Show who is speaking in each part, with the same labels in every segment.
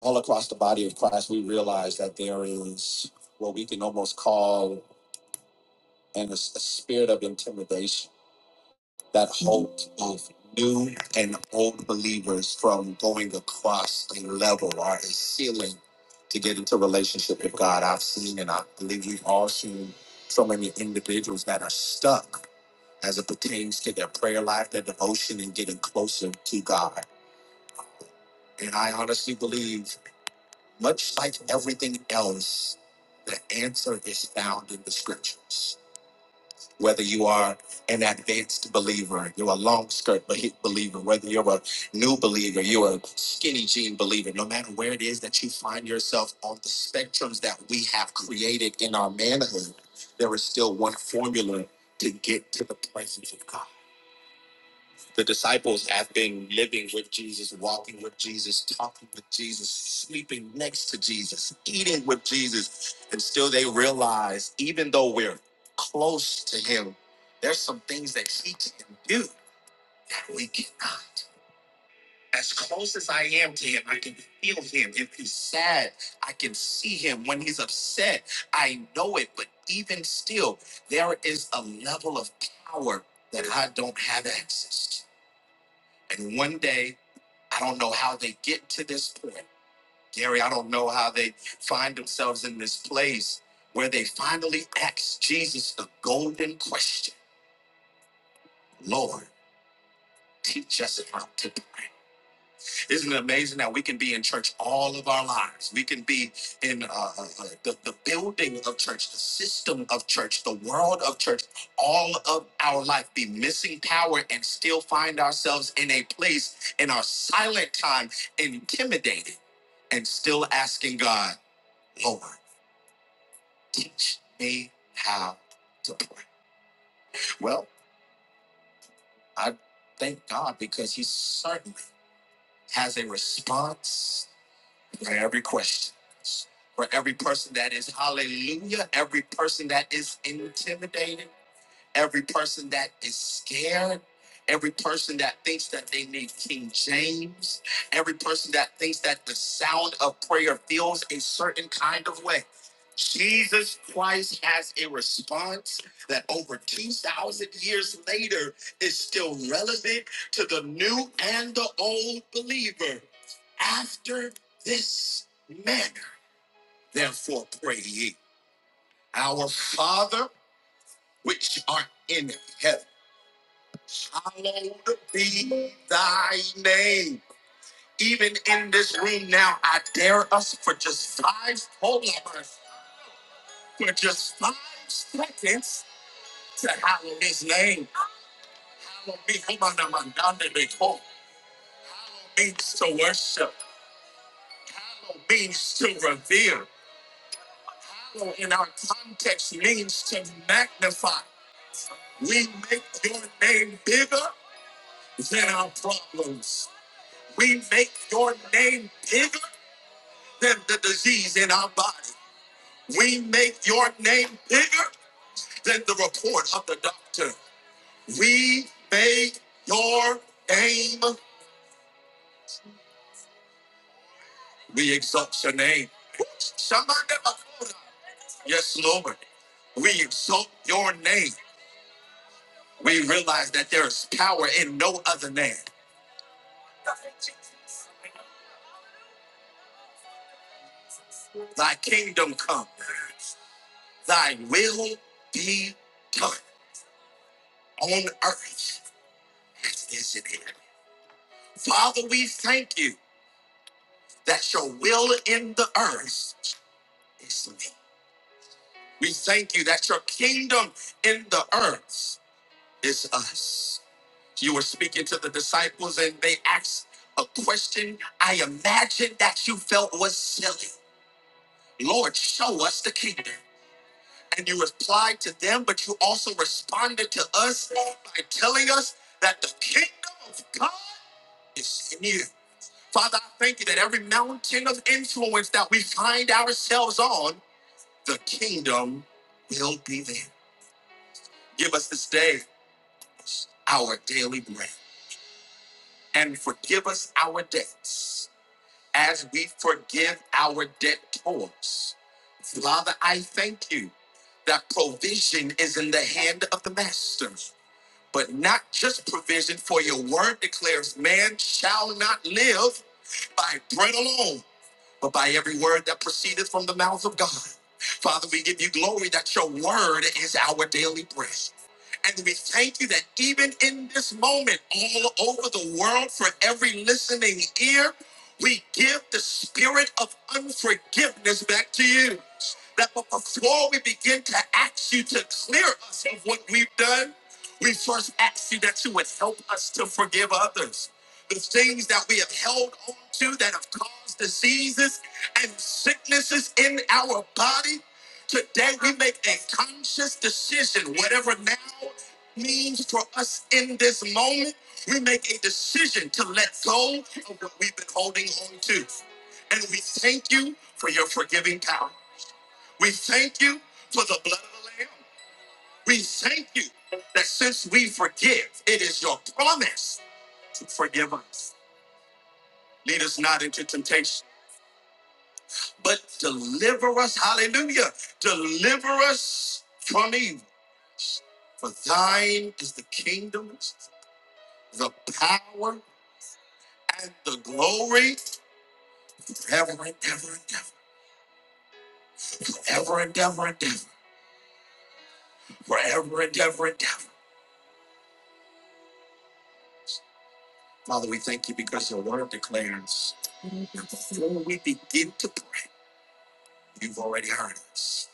Speaker 1: all across the body of Christ, we realize that there is what we can almost call an, a, spirit of intimidation that holds both new and old believers from going across a level or a ceiling to get into relationship with God. I've seen, and I believe we've all seen, so many individuals that are stuck as it pertains to their prayer life, their devotion, and getting closer to God. And I honestly believe Much like everything else, the answer is found in the scriptures. Whether you are an advanced believer, you're a long skirt be- believer, whether you're a new believer, you're a skinny jean believer, no matter where it is that you find yourself on the spectrums that we have created in our manhood, there is still one formula to get to the presence of God. The disciples have been living with Jesus, walking with Jesus, talking with Jesus, sleeping next to Jesus, eating with Jesus, and still they realize, even though we're close to him, there's some things that he can do that we cannot. As close as I am to him, I can feel him. If he's sad, I can see him. When he's upset, I know it. But even still, there is a level of power that I don't have access to. And one day I don't know how they get to this point. Gary, I don't know how they find themselves in this place where they finally ask Jesus the golden question Lord, teach us how to pray. Isn't it amazing that we can be in church all of our lives? We can be in uh, uh, uh, the, the building of church, the system of church, the world of church, all of our life, be missing power and still find ourselves in a place in our silent time, intimidated, and still asking God, Lord, teach me how to pray. Well, I thank God because He certainly has a response for every question, for every person that is hallelujah, every person that is intimidated, every person that is scared, every person that thinks that they need King James, every person that thinks that the sound of prayer feels a certain kind of way. Jesus Christ has a response that over 2,000 years later is still relevant to the new and the old believer. After this manner, therefore, pray ye, Our Father, which art in heaven Hallowed be thy name. Even in this room now, I dare us for just five Hold on, for just five seconds to hallow his name. Hallow be Humanamandande Beko. Hallow means to worship. Hallow means to revere. Hallow in our context means to magnify. We make your name bigger than our problems. We make your name bigger than the disease in our body. We make your name bigger than the report of the doctor. We make your name. We exalt your name. Yes, Lord. We exalt your name. We realize that there is power in no other name. Thy kingdom come. Thy will be done on earth as it is in heaven. Father, we thank you. that your will in the earth is me. We thank you that your kingdom in the earth is us. You were speaking to the disciples and they asked a question I imagine that you felt was silly. Lord, show us the kingdom. And you replied to them, but you also responded to us by telling us that the kingdom of God is in you. Father, I thank you that every mountain of influence that we find ourselves on the kingdom will be there. Give us this day our daily bread and forgive us our debts as we forgive our debtors. Father, I thank you that provision is in the hand of the master, but not just provision, for your word declares man shall not live by bread alone but by every word that proceedeth from the mouth of God. Father, we give you glory that your word is our daily bread. And we thank you that even in this moment, all over the world, for every listening ear, we give the spirit of unforgiveness back to you. That but before we begin to ask you to clear us of what we've done, we first ask you that you would help us to forgive others the things that we have held on to that have caused diseases and sicknesses in our body. Today we make a conscious decision, whatever now means for us in this moment, we make a decision to let go of what we've been holding on to. And we thank you for your forgiving power. We thank you for the blood of the Lamb. We thank you that since we forgive, it is your promise to forgive us. Lead us not into temptation, but deliver us, hallelujah, deliver us from evil. For thine is the kingdom, the power, and the glory forever and ever and ever, forever and ever and ever, forever and ever and ever. Father, we thank you because your word declares that before we begin to pray, you've already heard us.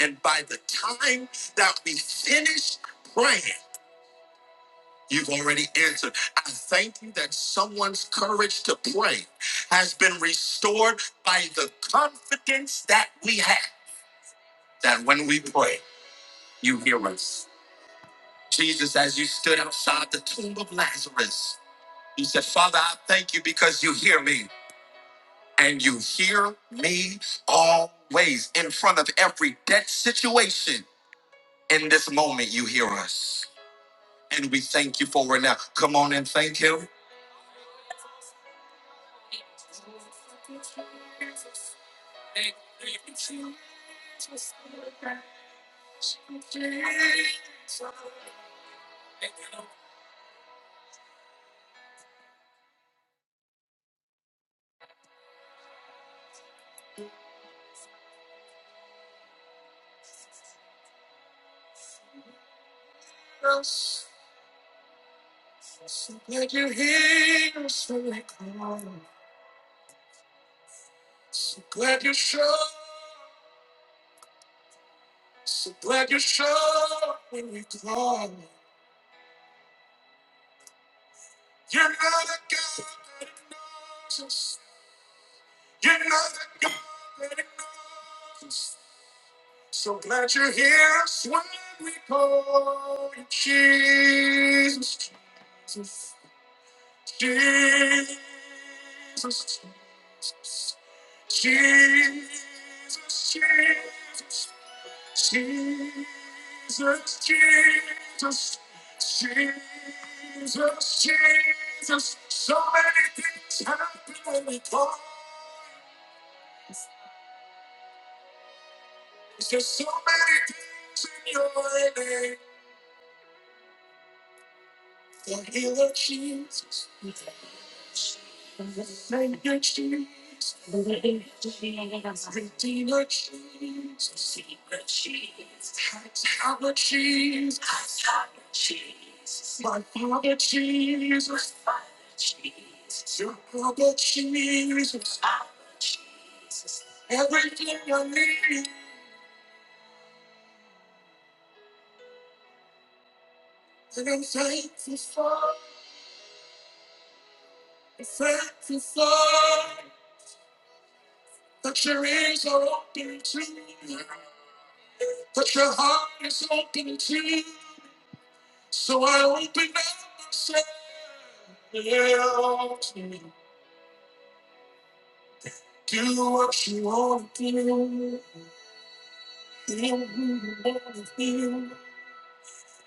Speaker 1: And by the time that we finish praying, You've already answered. I thank you that someone's courage to pray has been restored by the confidence that we have that when we pray, you hear us. Jesus, as you stood outside the tomb of Lazarus, you said, Father, I thank you because you hear me and you hear me always in front of every dead situation. In this moment, you hear us. And we thank you for it now. Come on and thank him. So glad you hear when we call. So glad you show. So glad you show when we call. You're not the guy that ignores us. You're not the guy that ignores us. So glad you're here. That's why we call you Jesus, Jesus, Jesus, Jesus, Jesus, Jesus, Jesus, Jesus, Jesus, Jesus. So many things happen when we call. There's so many things in your name. But your ears are open too. But your heart is open too. So I open up myself to do what you want to do. Feel who you want to feel.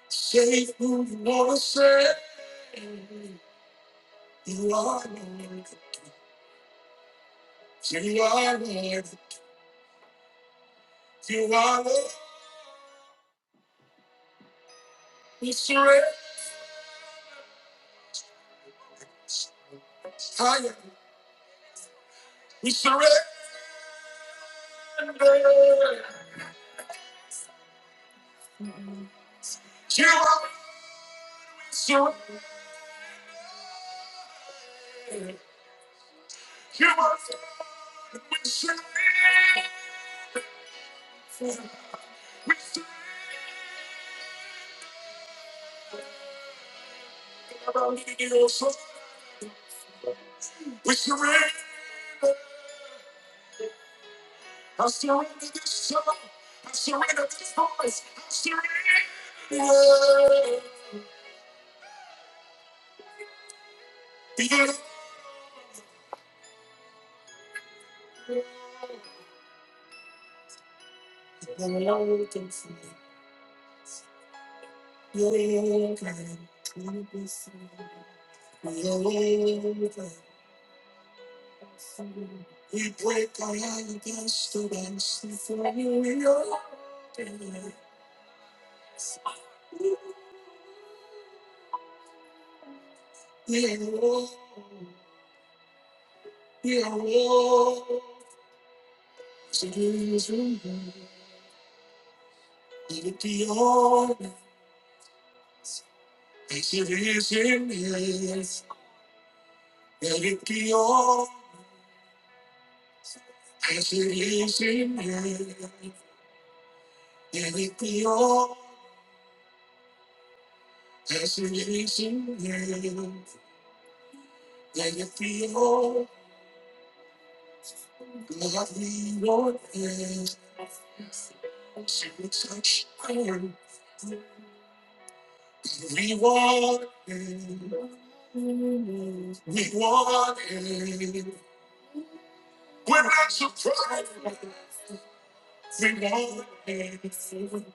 Speaker 1: Say who you want to say. You are Lord. You are Lord. You are Lord. We surrender. Higher. We surrender. You are surrender. You are. We surrender. We surrender. I surrender this soul. I surrender this voice. I surrender. We're broken. We're broken. We're broken. We're broken. We're broken. We break our hearts against the walls and fall apart. We want Reward. We're want we not surprised. We want Reward.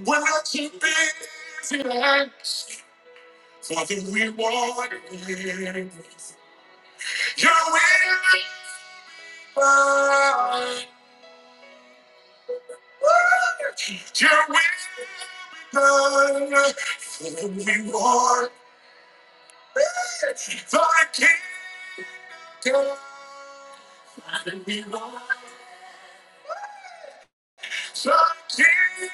Speaker 1: We're not too busy to ask for the reward. you Your will with You're with for the reward. The kingdom. The reward.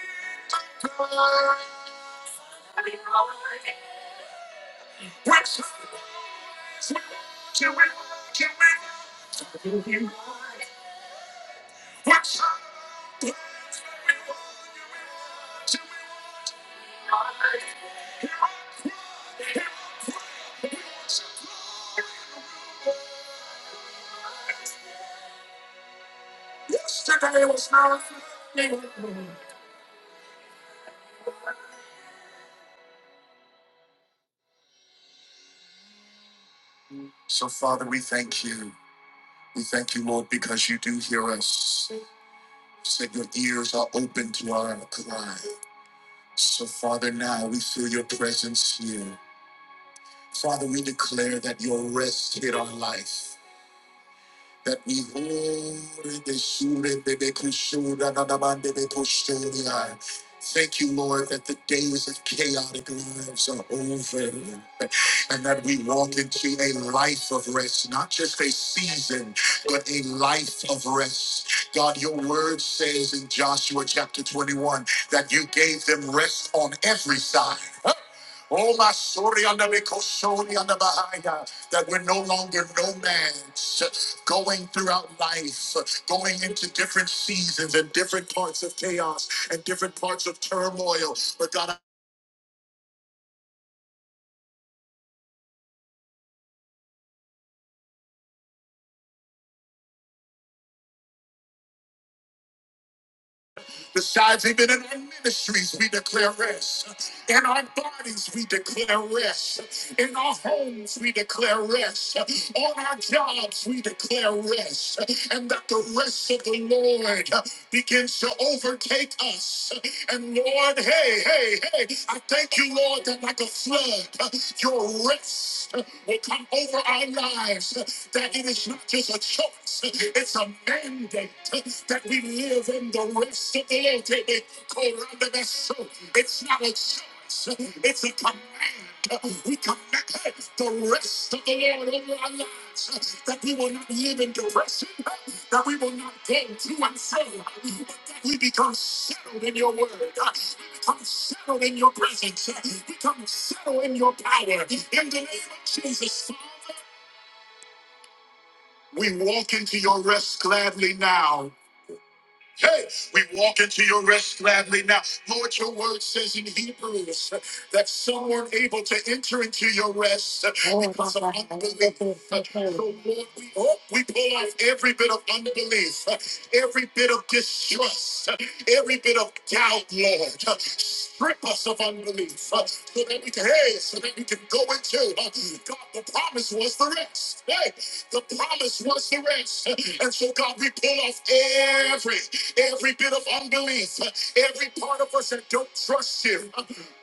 Speaker 1: So, Father, we thank you. We thank you, Lord, because you do hear us. You Said your ears are open to our cry. So, Father, now we feel your presence here. Father, we declare that your rest hit our life. that we hold in the shooting, that they could shoot, da, da, da, da, that they could shoot the eye. Thank you, Lord, that the days of chaotic lives are over and that we walk into a life of rest, not just a season, but a life of rest. God, your word says in Joshua chapter 21 that you gave them rest on every side. Oh, my story under the Koshori under Bahaya, that we're no longer nomads going throughout life, going into different seasons and different parts of chaos and different parts of turmoil. But God, besides even in our ministries, we declare rest. In our bodies, we declare rest. In our homes, we declare rest. On our jobs, we declare rest. And that the rest of the Lord begins to overtake us. And Lord, hey, hey, hey, I thank you, Lord, that like a flood, your rest will come over our lives. That it is not just a choice, it's a mandate that we live in the rest of the Lord. It's not a choice. So it's a command. We command the rest of the Lord over our lives. That we will not live in depression. That we will not go to and fro. But that we become settled in your word. We become settled in your presence. We become settled in your power. In the name of Jesus, Father, we walk into your rest gladly now. Hey, we walk into your rest gladly now. Lord, your word says in Hebrews uh, that some weren't able to enter into your rest uh, Oh, because of Papa, I need unbelief. to Uh, So, Lord, we, oh, we pull off every bit of unbelief, uh, every bit of distrust, uh, every bit of doubt, Lord. Uh, Strip us of unbelief uh, so that we can, hey, so that we can go into uh, God. The promise was the rest. Hey, the promise was the rest. Uh, And so, God, we pull off every Every bit of unbelief, every part of us that don't trust Him,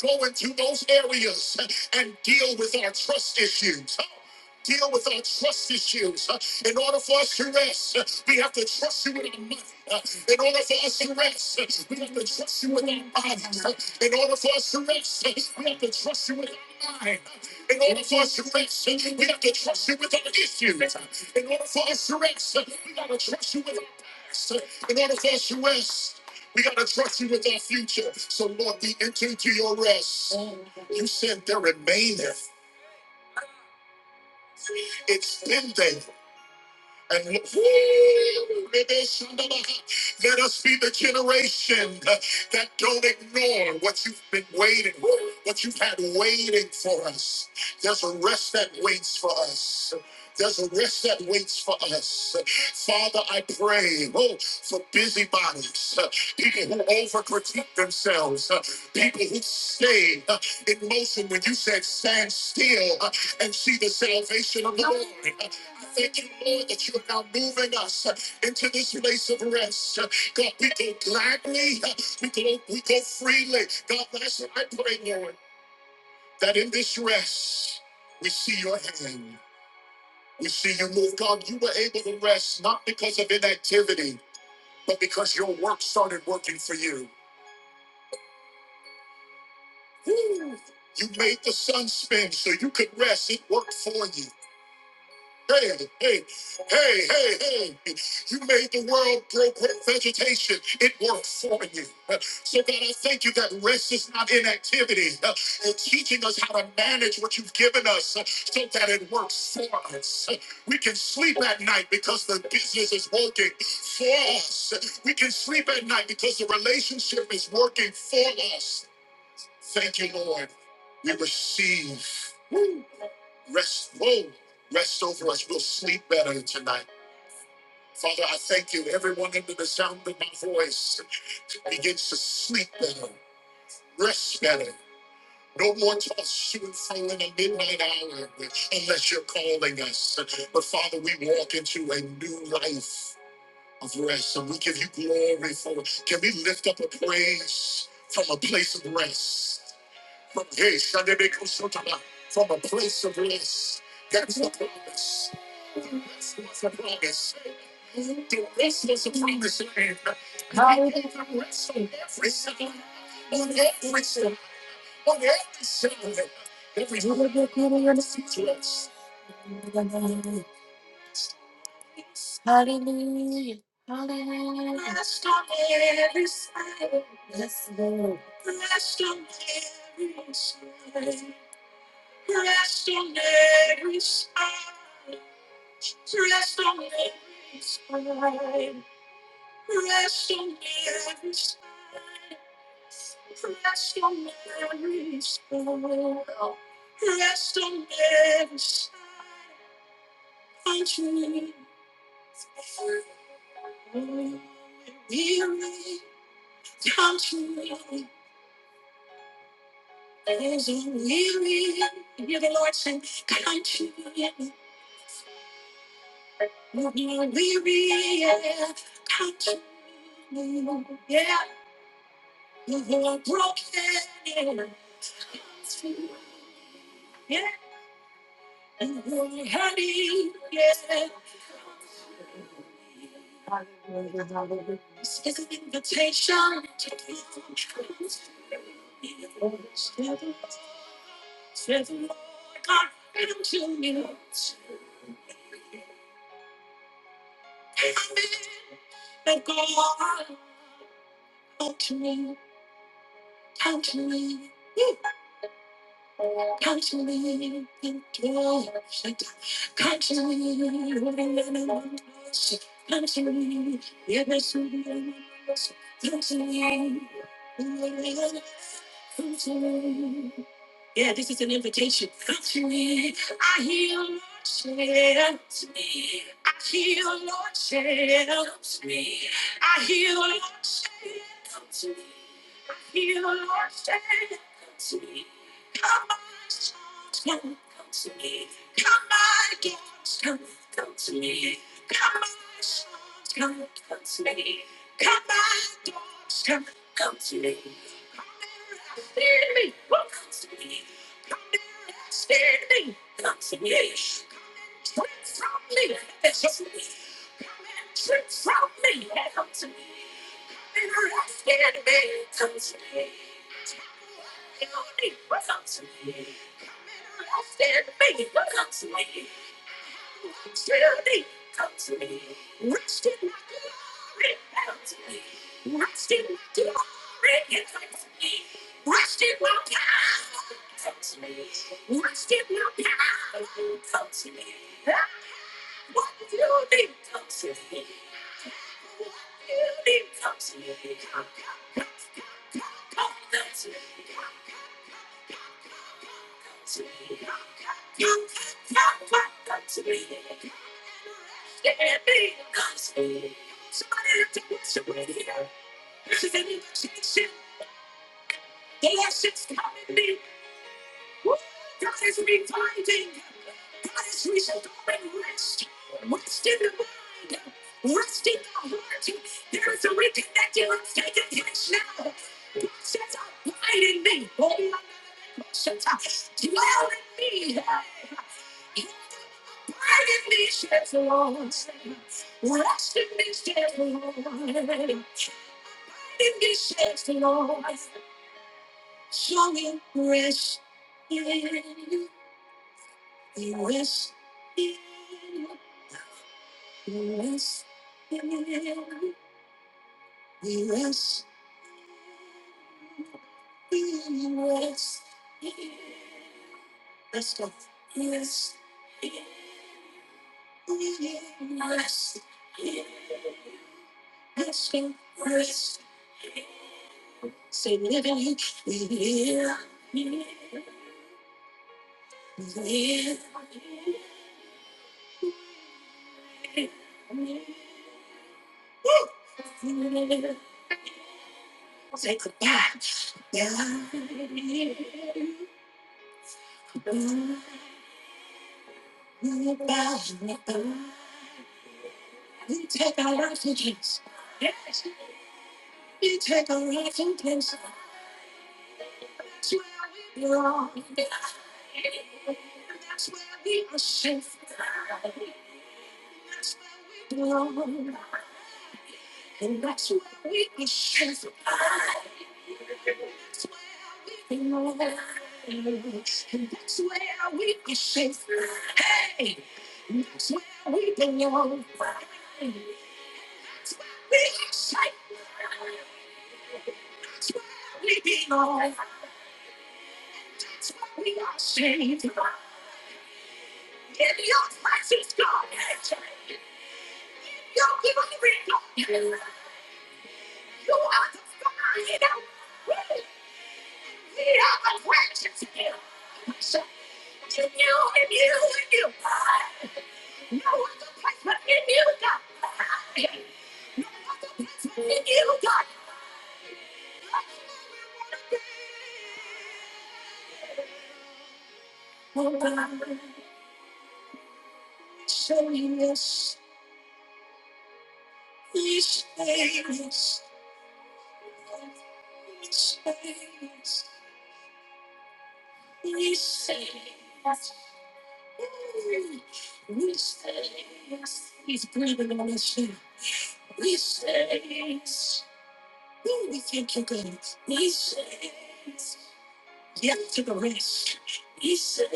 Speaker 1: go into those areas and deal with our trust issues deal with our trust issues. Uh, In order for us to rest, uh, we have to trust you with our money. Uh, In order for us to rest, uh, we have to trust you with our bodies. Uh, In order for us to rest, uh, we have to trust you with our mind. Uh, In order for us to rest, uh, we have to trust you with our issues. Uh, In order for us to rest, uh, we got to trust you with our and that is us you rest. We gotta trust you with our future. So Lord, we enter into your rest. You said there remaineth. It's been there. And woo, maybe somebody- let us be the generation that don't ignore what you've been waiting, what you've had waiting for us. There's a rest that waits for us. There's a rest that waits for us. Father, I pray oh, for busybodies, uh, people who overcritique themselves, uh, people who stay uh, in motion when you said stand still uh, and see the salvation of the Lord. Thank you, Lord, that you are now moving us uh, into this place of rest. Uh, God, we go gladly. uh, We go, we go freely. God, that's what I pray, Lord, that in this rest, we see your hand. We see you move. God, you were able to rest not because of inactivity, but because your work started working for you. Woo! You made the sun spin so you could rest. It worked for you. Hey, hey, hey, hey, hey. You made the world grow great vegetation. It worked for you. So, God, I thank you that rest is not inactivity. You're teaching us how to manage what you've given us so that it works for us. We can sleep at night because the business is working for us. We can sleep at night because the relationship is working for us. Thank you, Lord. We receive. Rest, whoa, rest over us. We'll sleep better tonight. Father, I thank you. Everyone under the sound of my voice begins to sleep better, rest better. No more toss to and fro in the midnight hour unless you're calling us. But Father, we walk into a new life of rest and we give you glory for it. Can we lift up a praise from a place of rest? Hey, Sunday, they go so to From a place of rest. That's the promise. The rest was a promise. The rest was a promise land. How will the rest on every side? On every side. On every side. Every situation. Hallelujah. Hallelujah. Yes, Lord. Rest on every side. Country, weary country is weary. Hear the Lord say, country, you're weary. Yeah, country, yeah, you're broken. Yeah, This is an invitation to do truth. Say the Lord God unto me. Amen. And God unto me. Unto me. Constantly, in your sight, constantly running in my sight, constantly in my soul, constantly in my life, constantly. Yeah, this is an invitation. Come to me. I hear Lord shells me. I hear Lord shells me. I hear Lord shells me. I hear Lord shells me. Come on, sons, come, come to me. Come on, girls, come, come to me. Come on, sons, come, come to me. Come on, girls, come, come to me. Settle, dwelling in me, Abide in me, says the breaking of these chains, Lord. Rest in these chains, Lord. Tighten these chains, Lord. Showing mercy, mercy, mercy, mercy, mercy, mercy. Let's go, mercy. We risk, risking, risk, say never. We live, live, live, say goodbye. Yeah. Goodbye. We take our risks, yes, we take our risks and. In your face, it's God. You're given freedom. You are the fire. We have a righteous view. You and you and you. You're in the place where you knew God. You got. You got. We say yes. We say yes. We say yes. Yes to the rest. He says,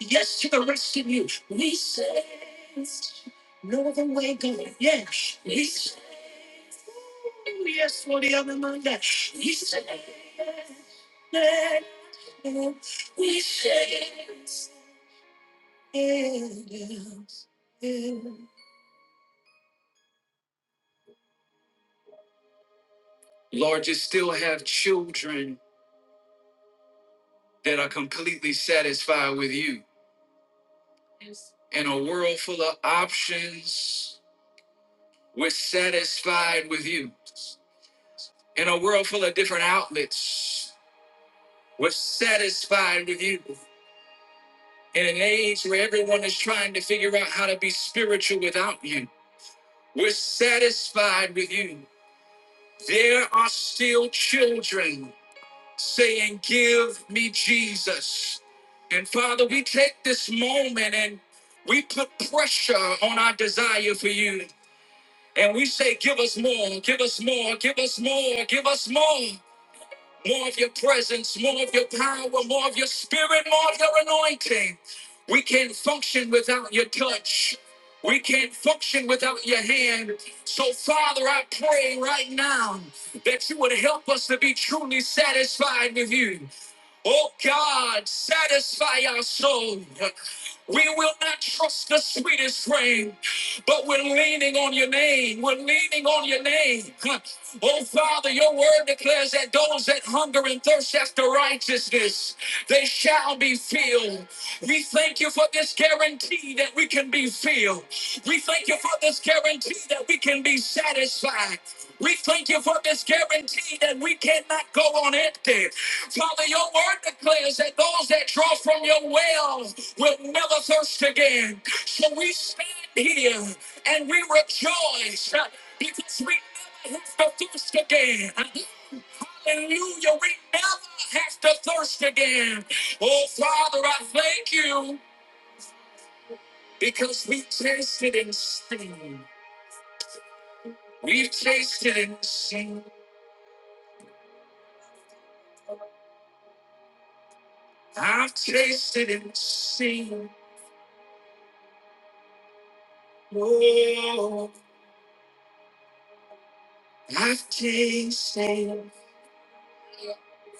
Speaker 1: Yes to the rest in you. We say, No other way going. Yes. He says, Yes for the other man. that He says, We say, Yes. yes. Lord, you still have children that are completely satisfied with you. In a world full of options, We're satisfied with you. In a world full of different outlets, we're satisfied with you. In an age where everyone is trying to figure out how to be spiritual without you, we're satisfied with you. There are still children saying, Give me Jesus. And Father, we take this moment and we put pressure on our desire for you. And we say, Give us more, give us more, give us more, give us more. more of your presence, more of your power, more of your spirit, more of your anointing. We can't function without your touch. We can't function without your hand. So, Father, I pray right now that you would help us to be truly satisfied with you. Oh God, satisfy our soul. We will not trust the sweetest frame, but we're leaning on your name. We're leaning on your name. Oh Father, your word declares that those that hunger and thirst after righteousness, they shall be filled. We thank you for this guarantee that we can be filled. We thank you for this guarantee that we can be satisfied. We thank you for this guarantee that we cannot go on empty. Father, your word declares that those that draw from your well will never thirst again. So we stand here and we rejoice uh, because we never have to thirst again. Hallelujah, we never have to thirst again. Oh, Father, I thank you because we've tasted and seen. We've tasted and seen. I've tasted and seen. Oh, I've tasted.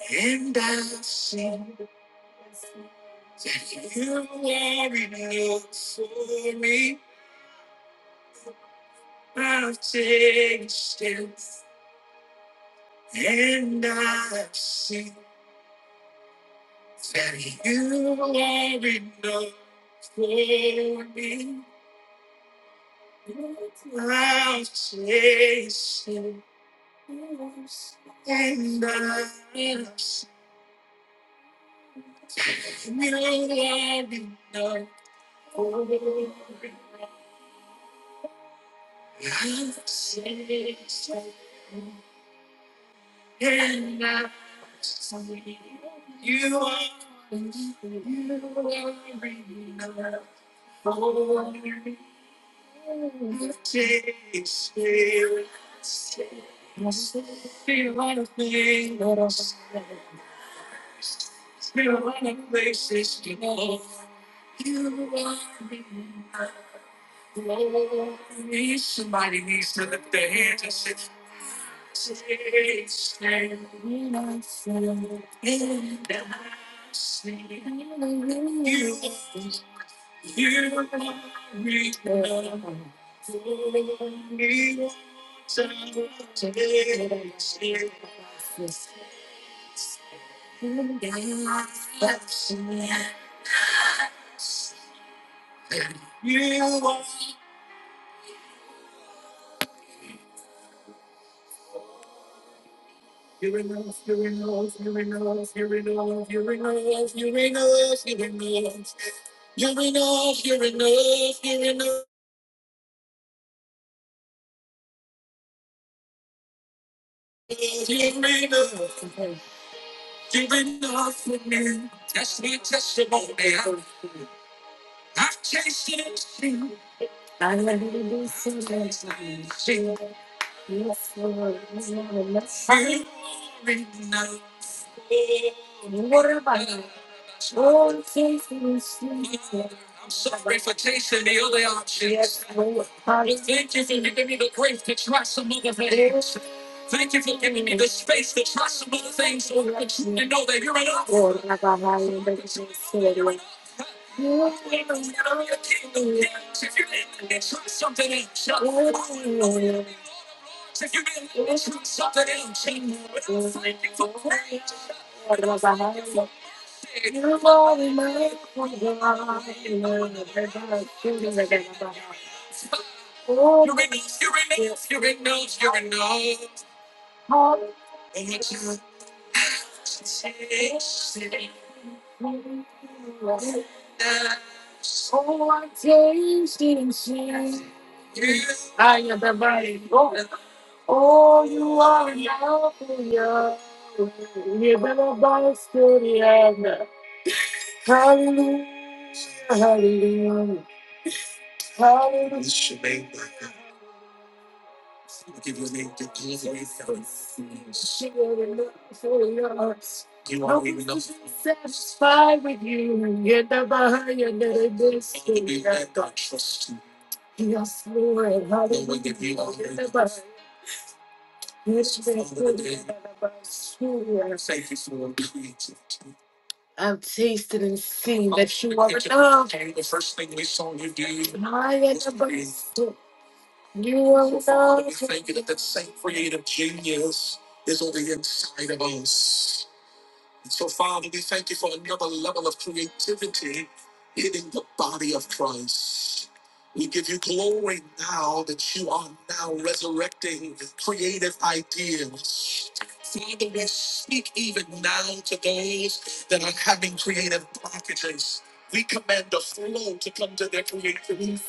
Speaker 1: And I see that you are enough for me. I've taken steps, and I see that you are enough for me. I've tasted and I see you are enough for me. I've tasted. You've enough. for me. You've enough for me. That's my testimony. I- I've tasted it. seen. I let it be so nice. Seen. Yes, Lord. Yes, Lord. Yes, Lord. You are enough. What about you? Oh, faithfulness, Jesus. I'm sorry for tasting the other options. Yes, Lord. But thank you for giving me the grace to try some other things. Thank you for giving me the space to try some other things so that I can and know that you're enough. Lord, I bow my head and beg you to save me. If you didn't, then try something else. I wouldn't know you. If you didn't, then try something else. But I wouldn't thank you for grace. Lord, I bow my head and beg you to save me. You're enough, you're enough, you're enough, you're enough. And it's your grace. Oh, I taste and see. I am the body. Oh, oh, you are enough for you. You better buy studio. Hallelujah. Hallelujah. Hallelujah. This is your name. We give your name the glory. She will be enough for yours. You are enough. No one is satisfied with you. You're the behind your little destiny. Yes, Lord. Hallelujah. No you are the glory. I've tasted and seen that you are love. My Lord, You are love. Father, we speak even now to those that are having creative blockages. We command the flow to come to their creativity.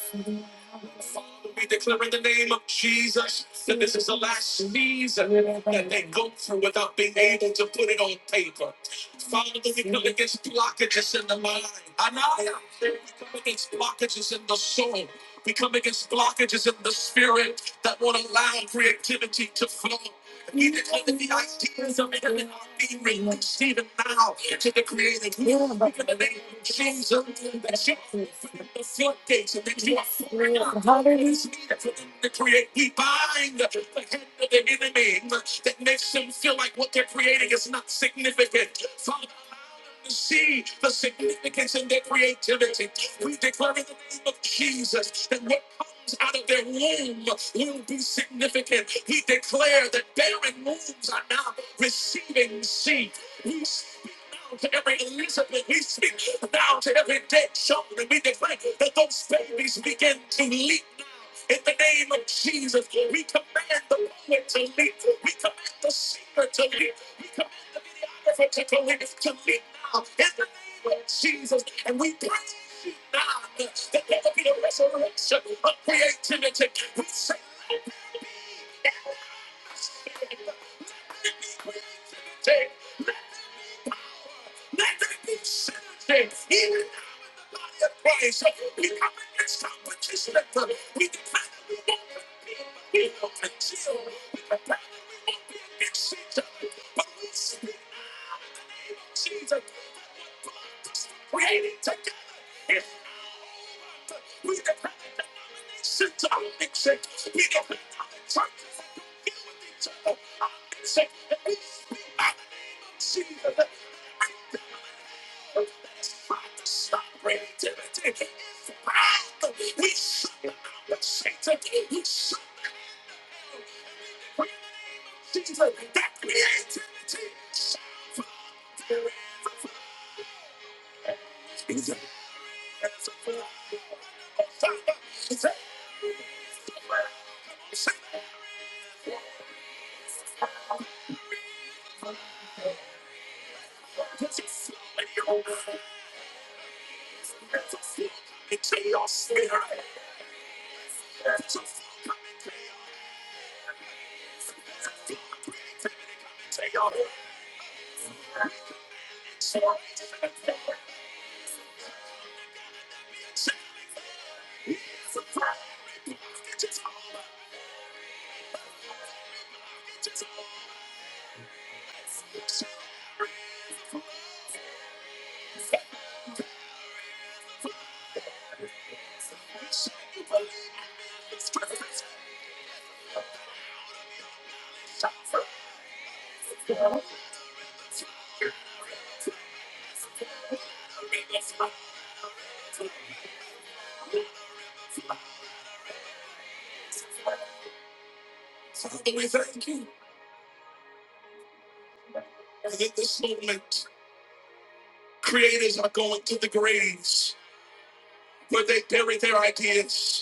Speaker 1: Father, we declare in the name of Jesus that this is the last season that they go through without being able to put it on paper. Father, we come against blockages in the mind. Anaya, we come against blockages in the soul. We come against blockages in the spirit that won't allow creativity to flow. We declare that the ideas of heaven are being released even now to the creative. In the name of Jesus, that the floodgates of their creativity. The power is needed for them to create. We bind the hand of the enemy that makes them feel like what they're creating is not significant. Father, we see the significance in their creativity. We declare in the name of Jesus that what comes out of their womb will be significant. We declare that barren wombs are now receiving seed to every Elizabeth, we speak now to every dead child, we declare that those babies begin to leap in the name of Jesus. We command the poet to leap, we command the singer to leap, we command the to to leap now in the name of Jesus, and we pray. Now, that there will be a resurrection of creativity. We say yes, let there be synergy, even Father, we thank you that in this moment, creators are going to the graves where they bury their ideas.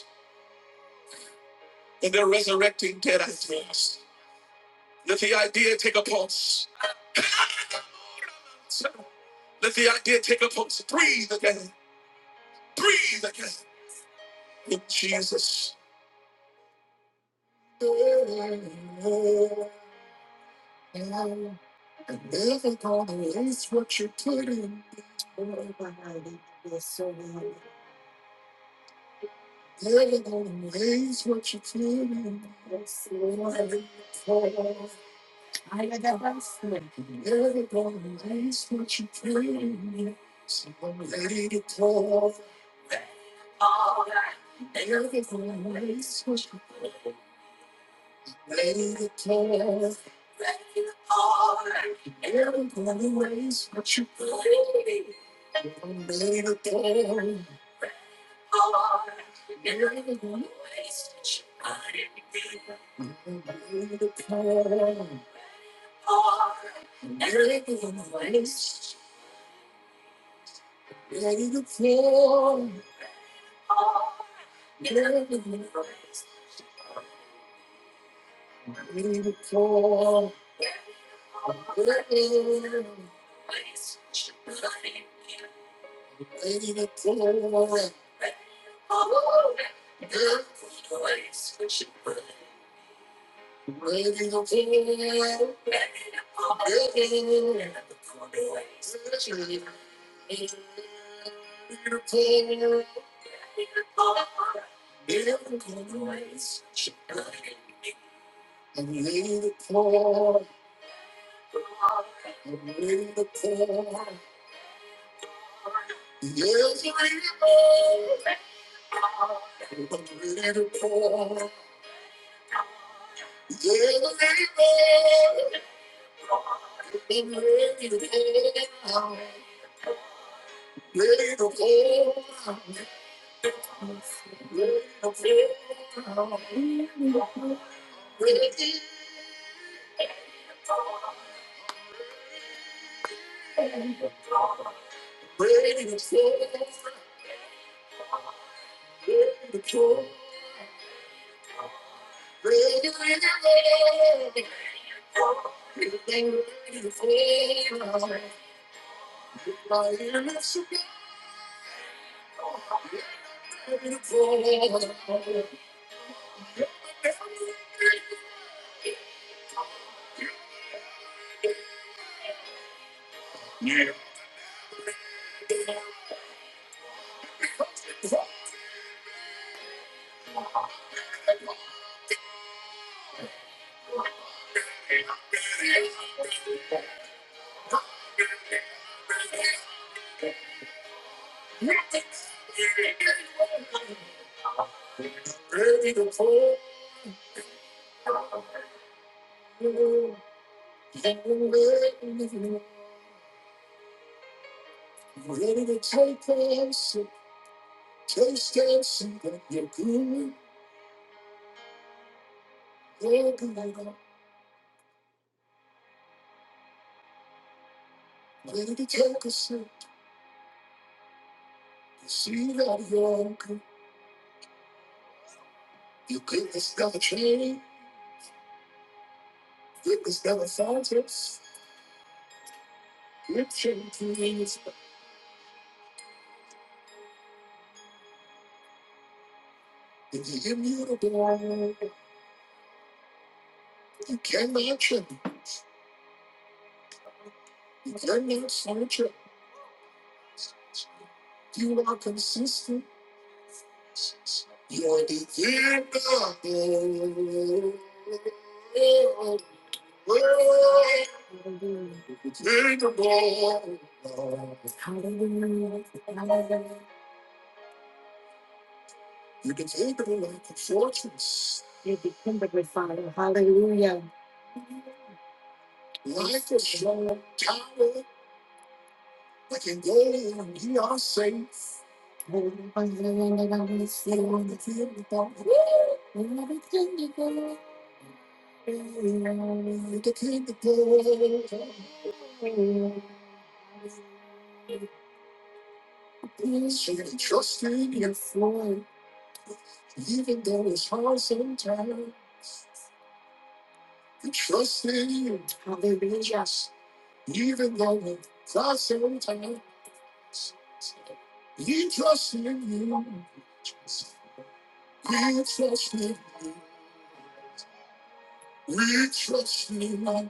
Speaker 1: and they're resurrecting dead ideas. Let the idea take a pulse. Let the idea take a pulse. Breathe again. Breathe again. In Jesus. Raise what you're feeling. Everybody Raise what you're feeling. Somebody ready to pour. Ready to take a shot? You see that you're wrong. You cannot change. You cannot find it. You cannot please. If you give me the ball, you cannot change. You cannot find it. You are consistent. You're the King of the world. Take the ball. Hallelujah. Hallelujah. You can take them like a fortress. You become the refiner. Hallelujah. Life is strong tower. I can do. Everything you go. Should have trusted your flow, even though it's hard sometimes. We trusted you, hallelujah. Even though it's hard sometimes, we trusted you. We trusted you. We trust you.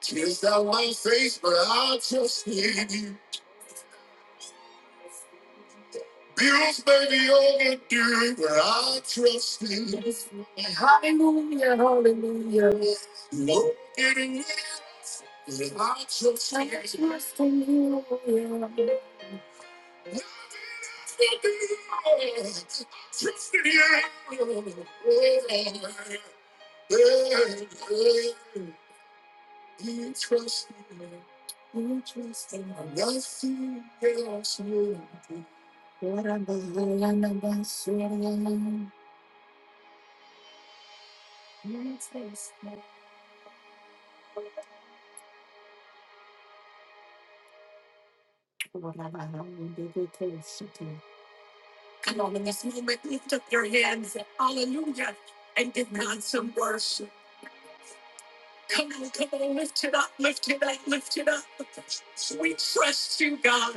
Speaker 1: Tears down my face, but I trust you. Bills may be overdue, but I trust in you. Hallelujah, hallelujah. No getting rid but I trust in you. I trust in you. yeah. Trust in you. You trust me. You trust in me. Nothing else. will do. Come on, in this moment, lift up your hands. Hallelujah. And give God some worship. Come on, come on, lift it up, lift it up, lift it up. We trust you, God.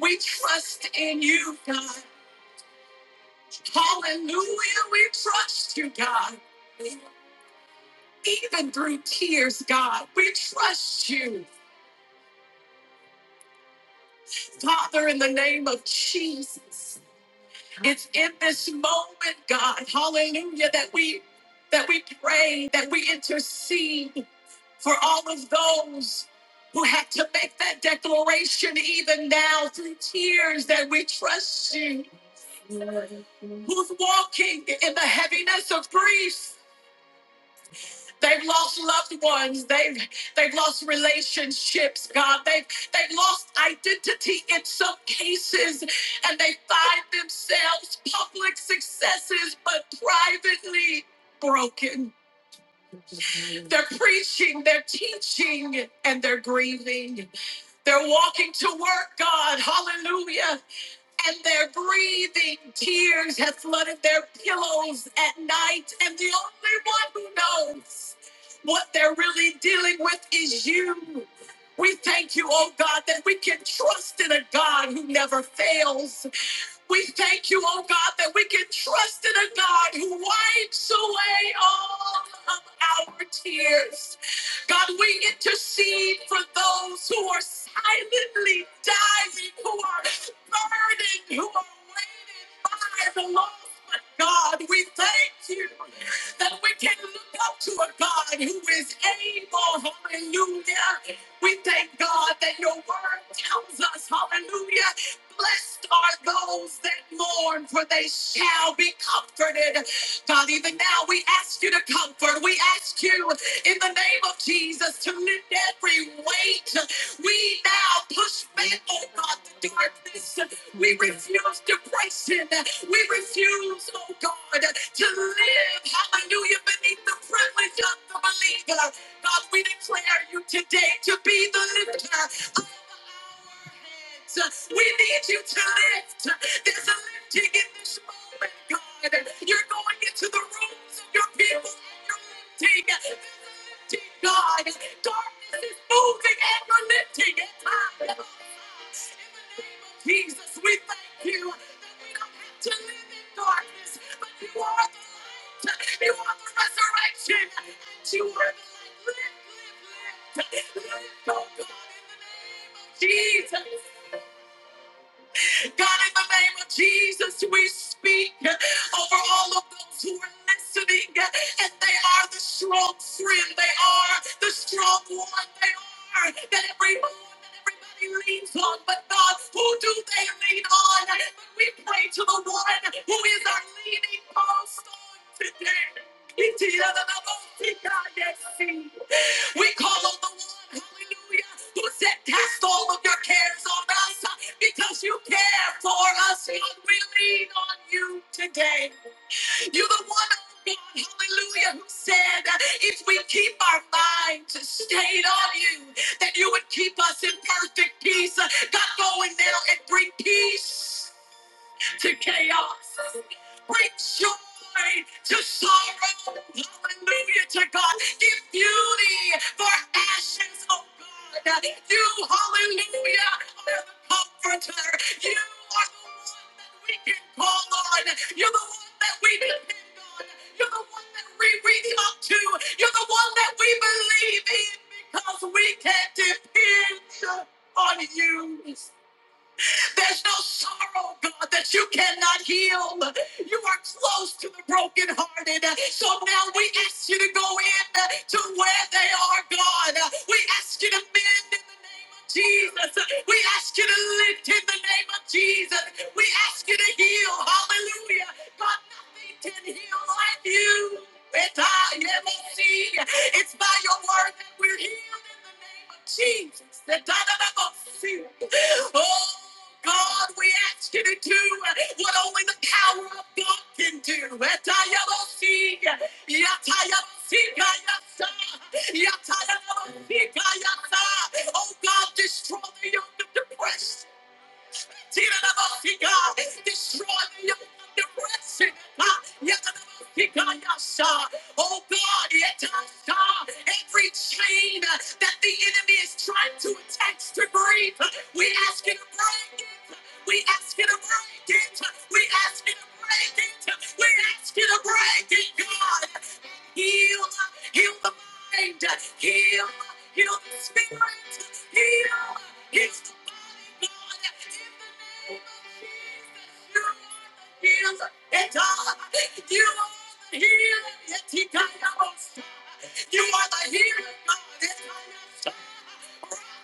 Speaker 1: We trust in you, God. Hallelujah. We trust you, God. Even through tears, God, we trust you. Father, in the name of It's in this moment, God, hallelujah, that we that we pray, that we intercede for all of those who have to make that declaration even now through tears that we trust you. Who's walking in the heaviness of grief? They've lost loved ones. They've they've lost relationships, God. They've they've lost identity in some cases, and they find themselves public successes, but privately broken. They're preaching, they're teaching, and they're grieving. They're walking to work, God. Hallelujah and their are breathing. Tears have flooded their pillows at night, and the only one who knows what they're really dealing with is you. We thank you, oh God, that we can trust in a God who never fails. We thank you, oh God, that we can trust in a God who wipes away all of our tears. God, we intercede for those who are silently dying, who are burdened, who are weighted by the loss. But God, we thank you that we can look up to a God who is Hallelujah. We thank God that your word tells us, hallelujah. Blessed are those that mourn, for they shall be comforted. God, even now we ask you to comfort. We ask you in the name of Jesus to lift every weight. We now push back, oh God, the darkness. We refuse depression. We refuse, oh God, to live, hallelujah, beneath the privilege of the believer. God, we declare you today to be the lifter so We need you to lift. There's a lifting in this moment, God. You're going into the rooms of your people and you're lifting. There's a lifting, God. Darkness is moving and you're lifting it. In the name of Jesus, we thank you that we don't have to live in darkness, but you are the light. You are the resurrection. And you are the light. Lift, lift, lift. Lift, oh God, in the name Jesus. God, in the name of Jesus, we speak over all of those who are listening, and they are the strong friend, they are the strong one, they are that everyone. that everybody Leans on, but God, who do they lean on? But we pray to the one who is our leaning post on today. We call on the one, hallelujah, who said, Cast all of your cares on us because you care for us, Lord. We lean on you today. You're the one, oh God, hallelujah, who said uh, if we keep our minds stayed on you, that you would keep us in perfect peace. Uh, God, go in now and bring peace to chaos. Bring joy to sorrow. Hallelujah to God. Give beauty for ashes, oh God. You, hallelujah, are the comforter. You are the one that we can call on. You're the one that we depend on. You're the one that we reach up to. You're the one that we believe in because we can depend on you. There's no sorrow, God, that you cannot heal. You are close to the brokenhearted. So now we ask you to go in to where they are, God. We ask you to mend in the name of Jesus. We ask you to lift in the name of Jesus. We ask you to heal. Hallelujah. God, nothing can heal like you. And I am she. It's by your word that we're healed in the name of Jesus. The da-da-da-bo-see. Oh, God, we ask you to do what only the power of God can do. eta I bo see yata I bo see ka ya sa I ya bo see I ya sa Oh, God, destroy the yoke of depression. Destroy the yoke of depression. Ah, yadadabashikayasa. Oh God, yadadabasha. every chain uh, that the enemy is trying to attach to breathe, uh, we ask you to break it. We ask you to break it. We ask you to break it. We ask you to break it, God. Heal, heal the mind. Heal, heal the spirit. Heal, heal the body, Lord. In the name of Jesus, you are the healer. It's all. You are the healer. It's he kind of us. You are the healer, God. It's kind of us.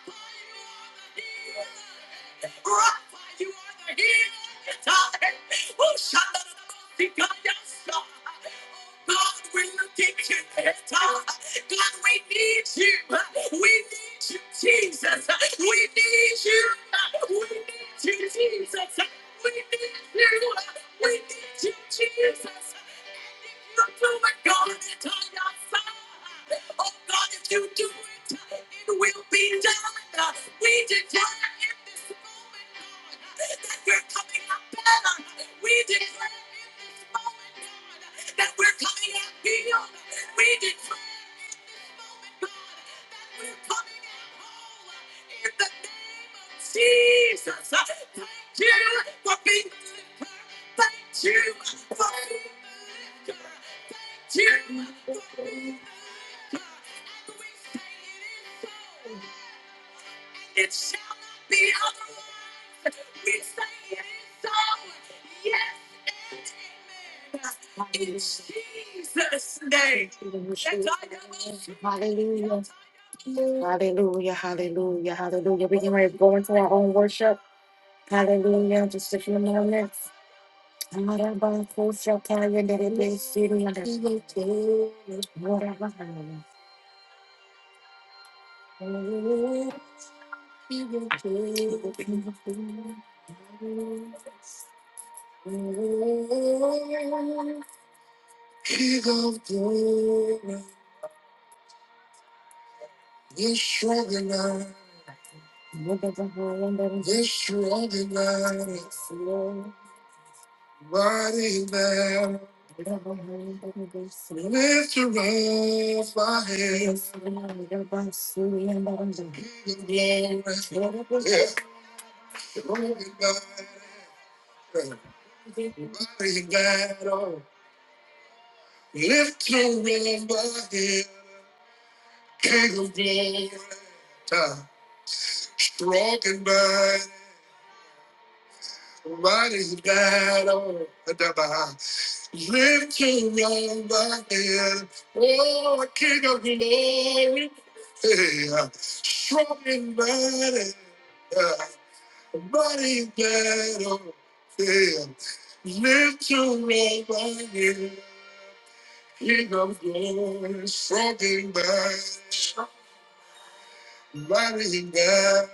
Speaker 1: You are the healer. Rapha, you are the healer. It's all. Who shall the Lord be God, yes, God. God, we look at you. God, God, we need you. We need you, Jesus. We need you. We need you, Jesus. We need you. We need you, Jesus. It shall not be otherwise. We say it is so. Yes, in Jesus' name. That's all I know. Hallelujah. Hallelujah. Hallelujah. Hallelujah. We can ready to go into our own worship. Hallelujah. Just a few moments. Hallelujah. King of glory, you're strong enough. You're strong enough. Mighty man, lift up my hands. King of glory, you're strong enough. Mighty man, oh. lift up my hands. King of glory, strong and mighty, mighty is battle. Lift your right hand, oh King of glory, yeah. strong and mighty, yeah. mighty is battle. Yeah. Lift your right King of glory, strong and mighty, mighty is battle.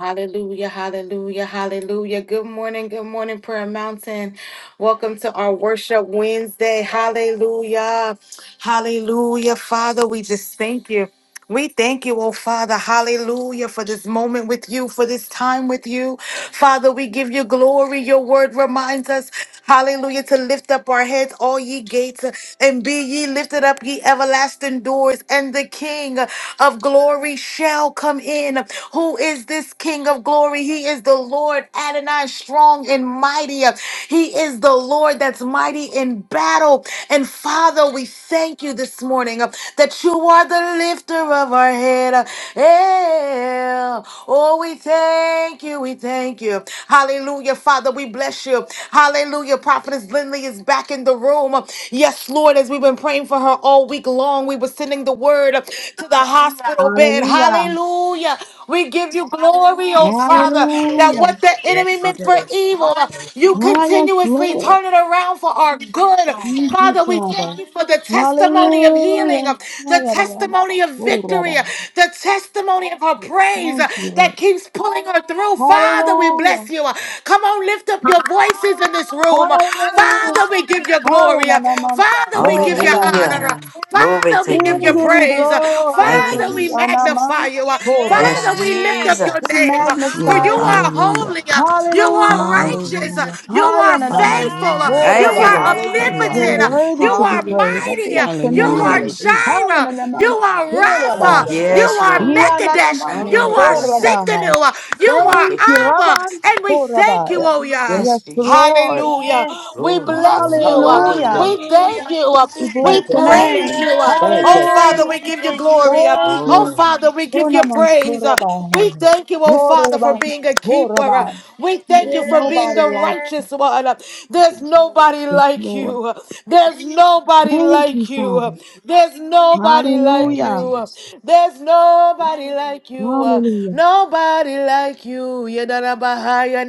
Speaker 1: Hallelujah, hallelujah, hallelujah. Good morning, good morning, Prayer Mountain. Welcome to our Worship Wednesday. Hallelujah, hallelujah. Father, we just thank you. We thank you, oh Father, hallelujah, for this moment with you, for this time with you. Father, we give you glory. Your word reminds us, hallelujah, to lift up our heads, all ye gates, and be ye lifted up, ye everlasting doors, and the King of glory shall come in. Who is this King of glory? He is the Lord Adonai, strong and mighty. He is the Lord that's mighty in battle. And Father, we thank you this morning uh, that you are the lifter of our head. uh, yeah. Oh, we thank you. We thank you. Hallelujah, Father. We bless you. Hallelujah. Prophetess Lindley is back in the room. Uh, Yes, Lord, as we've been praying for her all week long, we were sending the word uh, to the hospital bed.
Speaker 2: Hallelujah.
Speaker 1: Hallelujah. We give you glory, oh Father, that
Speaker 2: Hallelujah.
Speaker 1: what the enemy
Speaker 3: Yes, we
Speaker 1: meant
Speaker 3: do.
Speaker 1: for evil,
Speaker 3: Hallelujah.
Speaker 1: you
Speaker 2: Highest
Speaker 1: continuously
Speaker 2: Lord.
Speaker 1: turn it around for our good.
Speaker 2: Thank you,
Speaker 1: Father, we thank
Speaker 2: Father.
Speaker 1: you for the testimony of healing,
Speaker 2: Hallelujah. My
Speaker 1: the
Speaker 2: God, Lord.
Speaker 1: testimony of
Speaker 2: Oh,
Speaker 1: victory,
Speaker 2: Rabbi.
Speaker 1: the testimony of her praise
Speaker 2: Thank you,
Speaker 1: that
Speaker 2: Lord.
Speaker 1: keeps pulling her through. Father, we
Speaker 2: Hallelujah.
Speaker 1: bless you. Come on, lift up your voices in this room.
Speaker 2: Hallelujah.
Speaker 1: Father, we give
Speaker 3: Hallelujah.
Speaker 1: you glory.
Speaker 2: Hallelujah.
Speaker 1: Father, we
Speaker 2: Oh,
Speaker 1: give you
Speaker 4: Hallelujah.
Speaker 1: honor.
Speaker 2: Rabbi.
Speaker 4: Glory
Speaker 1: Father,
Speaker 4: to
Speaker 1: we
Speaker 4: your
Speaker 1: give
Speaker 2: We
Speaker 1: you
Speaker 4: name.
Speaker 2: give you
Speaker 1: praise.
Speaker 4: Thank you,
Speaker 1: Father,
Speaker 2: glory.
Speaker 1: we
Speaker 4: Jesus.
Speaker 1: magnify you.
Speaker 2: Anamas. Oh,
Speaker 4: Yes,
Speaker 1: Father,
Speaker 2: Rabbi.
Speaker 1: we we lift
Speaker 3: Yes.
Speaker 1: up your
Speaker 2: We
Speaker 4: Jesus.
Speaker 1: name, uh,
Speaker 5: Yes,
Speaker 1: for
Speaker 5: Lord.
Speaker 2: magnify
Speaker 1: you
Speaker 2: you.
Speaker 1: are
Speaker 3: Hallelujah.
Speaker 5: Hallelujah.
Speaker 1: holy, uh, you
Speaker 2: Hallelujah.
Speaker 1: are
Speaker 4: Thank you,
Speaker 1: righteous, uh,
Speaker 4: Jesus.
Speaker 5: Hallelujah.
Speaker 1: you are
Speaker 2: Higher than a man's
Speaker 1: faithful, uh,
Speaker 3: Mama,
Speaker 5: Hallelujah.
Speaker 2: soul,
Speaker 1: you
Speaker 4: Thank you,
Speaker 1: are
Speaker 4: Lord.
Speaker 2: Rabbi.
Speaker 6: Hallelujah.
Speaker 2: You're
Speaker 3: yes.
Speaker 1: omnipotent, uh,
Speaker 5: Hallelujah.
Speaker 2: worthy
Speaker 1: you
Speaker 2: to be
Speaker 1: are
Speaker 2: praised.
Speaker 6: Hallelujah.
Speaker 2: I
Speaker 1: mighty, uh,
Speaker 2: bless your
Speaker 1: you
Speaker 5: Hallelujah.
Speaker 1: are
Speaker 2: name.
Speaker 6: Hallelujah.
Speaker 2: Higher
Speaker 1: Jireh,
Speaker 2: than a
Speaker 1: you
Speaker 2: man's
Speaker 1: are
Speaker 2: soul,
Speaker 6: Thank
Speaker 2: Rabbi.
Speaker 6: you,
Speaker 1: Rapha, you
Speaker 6: God.
Speaker 4: Yes,
Speaker 1: are
Speaker 4: Lord.
Speaker 3: Mama,
Speaker 2: Higher than a
Speaker 1: Mekadesh,
Speaker 2: man's
Speaker 1: you
Speaker 6: Thank
Speaker 1: are
Speaker 2: soul,
Speaker 6: you.
Speaker 4: Hallelujah.
Speaker 2: Rabbi.
Speaker 1: Sikkenu, uh, you
Speaker 4: Thank
Speaker 1: are
Speaker 2: Thank
Speaker 4: you,
Speaker 2: you,
Speaker 4: Jesus.
Speaker 1: Abba,
Speaker 2: Rabbi.
Speaker 1: and we
Speaker 2: for
Speaker 1: thank you,
Speaker 2: Rabbi.
Speaker 1: oh yeah.
Speaker 4: Yes,
Speaker 2: Yes,
Speaker 4: Jesus.
Speaker 2: Lord.
Speaker 1: Hallelujah.
Speaker 3: yes.
Speaker 1: We
Speaker 4: Glory,
Speaker 1: bless
Speaker 4: glory,
Speaker 1: you. uh,
Speaker 4: glory.
Speaker 2: Hallelujah.
Speaker 1: We
Speaker 6: Hallelujah.
Speaker 3: Hallelujah.
Speaker 1: thank you. uh,
Speaker 2: We bless
Speaker 1: We
Speaker 6: Thank you,
Speaker 2: your
Speaker 6: God.
Speaker 1: praise
Speaker 2: name.
Speaker 1: you. uh,
Speaker 6: Thank
Speaker 1: Oh,
Speaker 6: you.
Speaker 3: Yes.
Speaker 1: Father,
Speaker 6: Jesus.
Speaker 2: Hallelujah.
Speaker 1: we
Speaker 3: We
Speaker 1: give you
Speaker 3: Thank you.
Speaker 1: glory. uh,
Speaker 2: Thank
Speaker 1: Oh,
Speaker 2: you.
Speaker 3: Hallelujah.
Speaker 4: Glory.
Speaker 1: Father, we give you
Speaker 2: Unaman
Speaker 1: praise. uh, We
Speaker 2: Surabahai.
Speaker 1: thank you, oh, Father, for
Speaker 2: Horaban
Speaker 1: being a keeper. uh,
Speaker 2: Surabah.
Speaker 1: We
Speaker 2: There's
Speaker 1: thank you for being
Speaker 2: nobody
Speaker 1: the
Speaker 2: like
Speaker 3: Yes.
Speaker 1: righteous one. uh, There's
Speaker 4: Jesus.
Speaker 1: nobody
Speaker 2: this,
Speaker 1: like
Speaker 2: Lord.
Speaker 1: you. uh, There's nobody
Speaker 2: Thank you,
Speaker 1: like you. uh,
Speaker 2: Father.
Speaker 1: There's nobody like
Speaker 4: Thank you,
Speaker 2: Hallelujah.
Speaker 1: you. uh,
Speaker 4: Jesus.
Speaker 1: There's nobody like you. uh,
Speaker 2: Hallelujah.
Speaker 1: Nobody like you. Yedarabahaya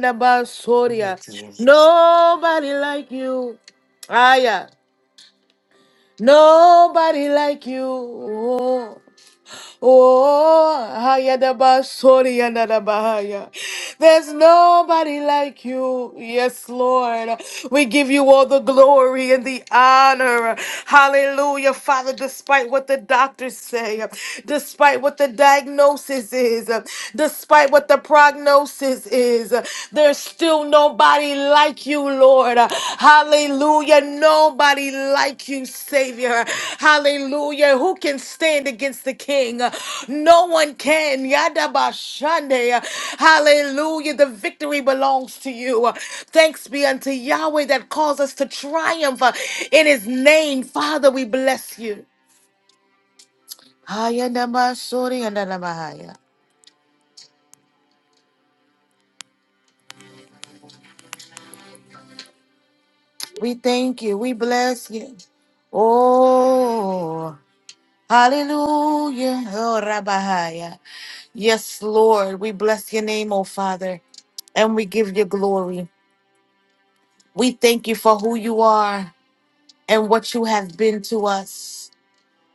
Speaker 4: Glory
Speaker 1: nabasoria.
Speaker 4: to your name.
Speaker 1: Nobody like you. Aya. Nobody like you. Oh, oh, haya da ba, sorry, and da ba, haya. There's nobody like you. Yes, Lord. We give you all the glory and the honor. Hallelujah, Father, despite what the doctors say, despite what the diagnosis is, despite what the prognosis is, there's still no Nobody like you, Lord. Hallelujah. Nobody like you, Savior. Hallelujah. Who can stand against the King? No one can. Yada Yadabashande. Hallelujah. The victory belongs to you. Thanks be unto Yahweh that calls us to triumph in his name. Father, we bless you. Haya nama suri and nama haya. We thank you. We bless you. Oh. Hallelujah. Oh, Rabahaya. Yes, Lord. We bless your name, oh Father, and we give you glory. We thank you for who you are and what you have been to us,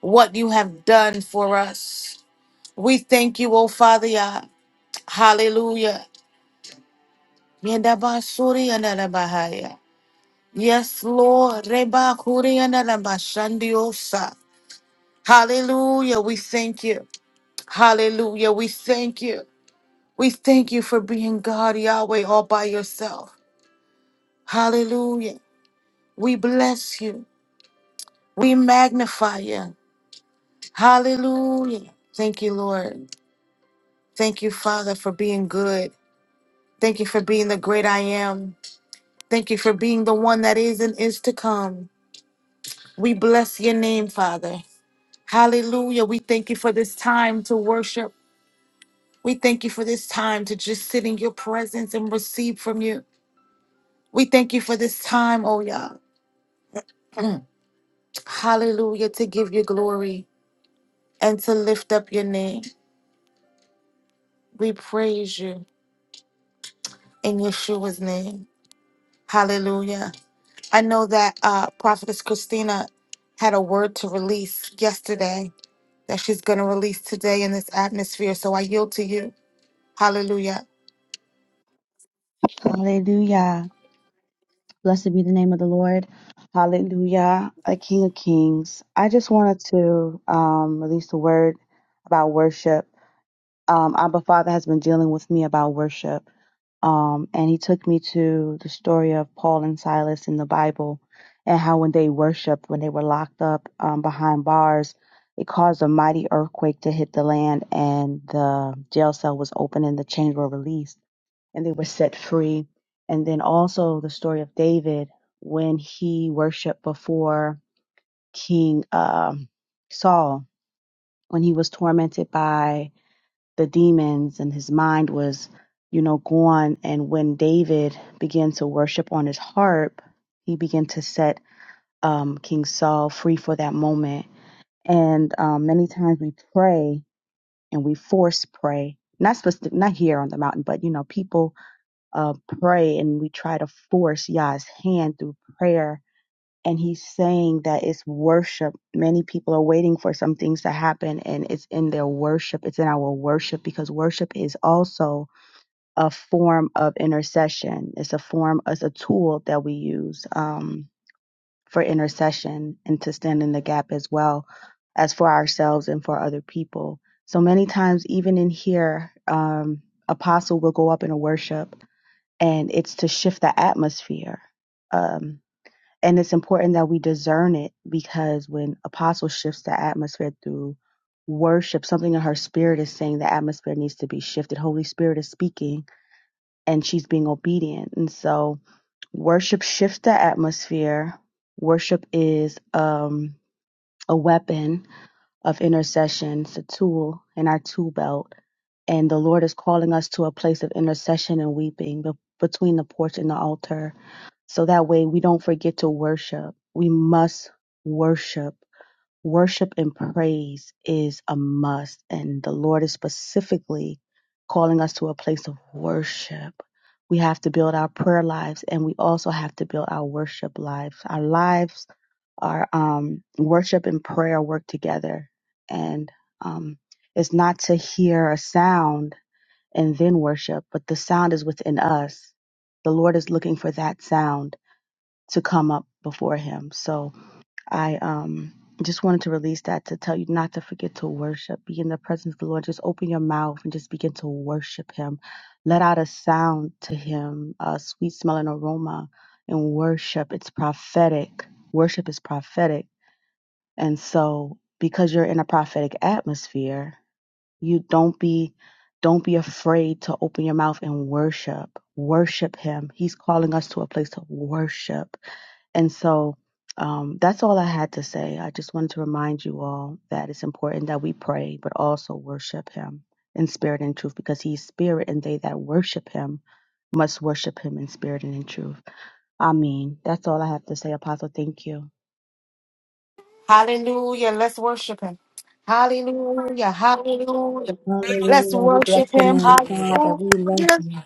Speaker 1: what you have done for us. We thank you, oh Father. Yah. Hallelujah. Yedabasuri and Rabahaya. Yes, Lord. Rebakuri and Rabashandiosa. Hallelujah. We thank you. Hallelujah. We thank you. We thank you for being God, Yahweh, all by yourself. Hallelujah. We bless you. We magnify you. Hallelujah. Thank you, Lord. Thank you, Father, for being good. Thank you for being the great I am. Thank you for being the one that is and is to come. We bless your name, Father. Hallelujah. We thank you for this time to worship. We thank you for this time to just sit in your presence and receive from you. We thank you for this time, oh Yah. Hallelujah, to give you glory and to lift up your name. We praise you in Yeshua's name. Hallelujah. I know that uh, Prophetess Christina had a word to release yesterday that she's going to release today in this atmosphere. So I yield to you. Hallelujah.
Speaker 2: Hallelujah. Blessed be the name of the Lord. Hallelujah. A King of Kings. I just wanted to um, release a word about worship. Um, Abba Father has been dealing with me about worship. Um, and he the story of Paul and it's in the Bible and how when they worshiped, when they were locked up um, behind bars, it caused a mighty earthquake to hit the land and the jail cell was open and the chains were released and they were set free. And then all of David when he worshiped before King um, Saul, when he was tormented by the demons and his mind was, you know, gone. And when David began to worship on his harp, he began to set um, King Saul free for that moment. And um, many times we pray and we force pray, not specific, not here on the mountain, but you know, people uh, pray and we try to force Yah's hand through prayer. And he's saying that it's worship. Many people are waiting for some things to happen, and it's in their worship. It's in our worship because worship is also a form of intercession. It's a form, it's a tool that we use um, for intercession and to stand in the gap as well as for ourselves and for other people. So many times, even in here, um, apostle will go up in a worship and it's to shift the atmosphere. Um, and it's important that we discern it because when Apostle shifts the atmosphere through worship, something in her spirit is saying the atmosphere needs to be shifted. Holy Spirit is speaking and she's being obedient. And so worship shifts the atmosphere. Worship is um, a weapon of intercession. It's a tool in our tool belt. And the Lord is calling us to a place of intercession and weeping be- between the porch and the altar. So that way we don't forget to worship. We must worship. Worship and praise is a must. And the Lord is specifically calling us to a place of worship. We have to build our prayer lives and we also have to build our worship lives. Our lives our um, worship and prayer work together. And um, it's not to hear a sound and then worship, but the sound is within us. The Lord is looking for that sound to come up before Him. So I um, just wanted to release that to tell you not to forget to worship. Be in the presence of the Lord. Just open your mouth and just begin to worship Him. Let out a sound to Him, a sweet smelling aroma, and worship. It's prophetic. Worship is prophetic and so because you're in a prophetic atmosphere, you don't be don't be afraid to open your mouth and worship. Worship him. He's calling us to a place of worship. And so um, that's all I had to say. I just wanted to remind you all that it's important that we pray, but also worship him in spirit and truth, because he's spirit, and they that worship him must worship him in spirit and in truth. I mean, that's all I have to say, Apostle. Thank you.
Speaker 1: Hallelujah. Let's worship him. Hallelujah. Hallelujah. Let's
Speaker 2: Hallelujah. We
Speaker 1: worship
Speaker 2: bless your
Speaker 1: him.
Speaker 2: name, Father. We love
Speaker 1: Hallelujah.
Speaker 2: you.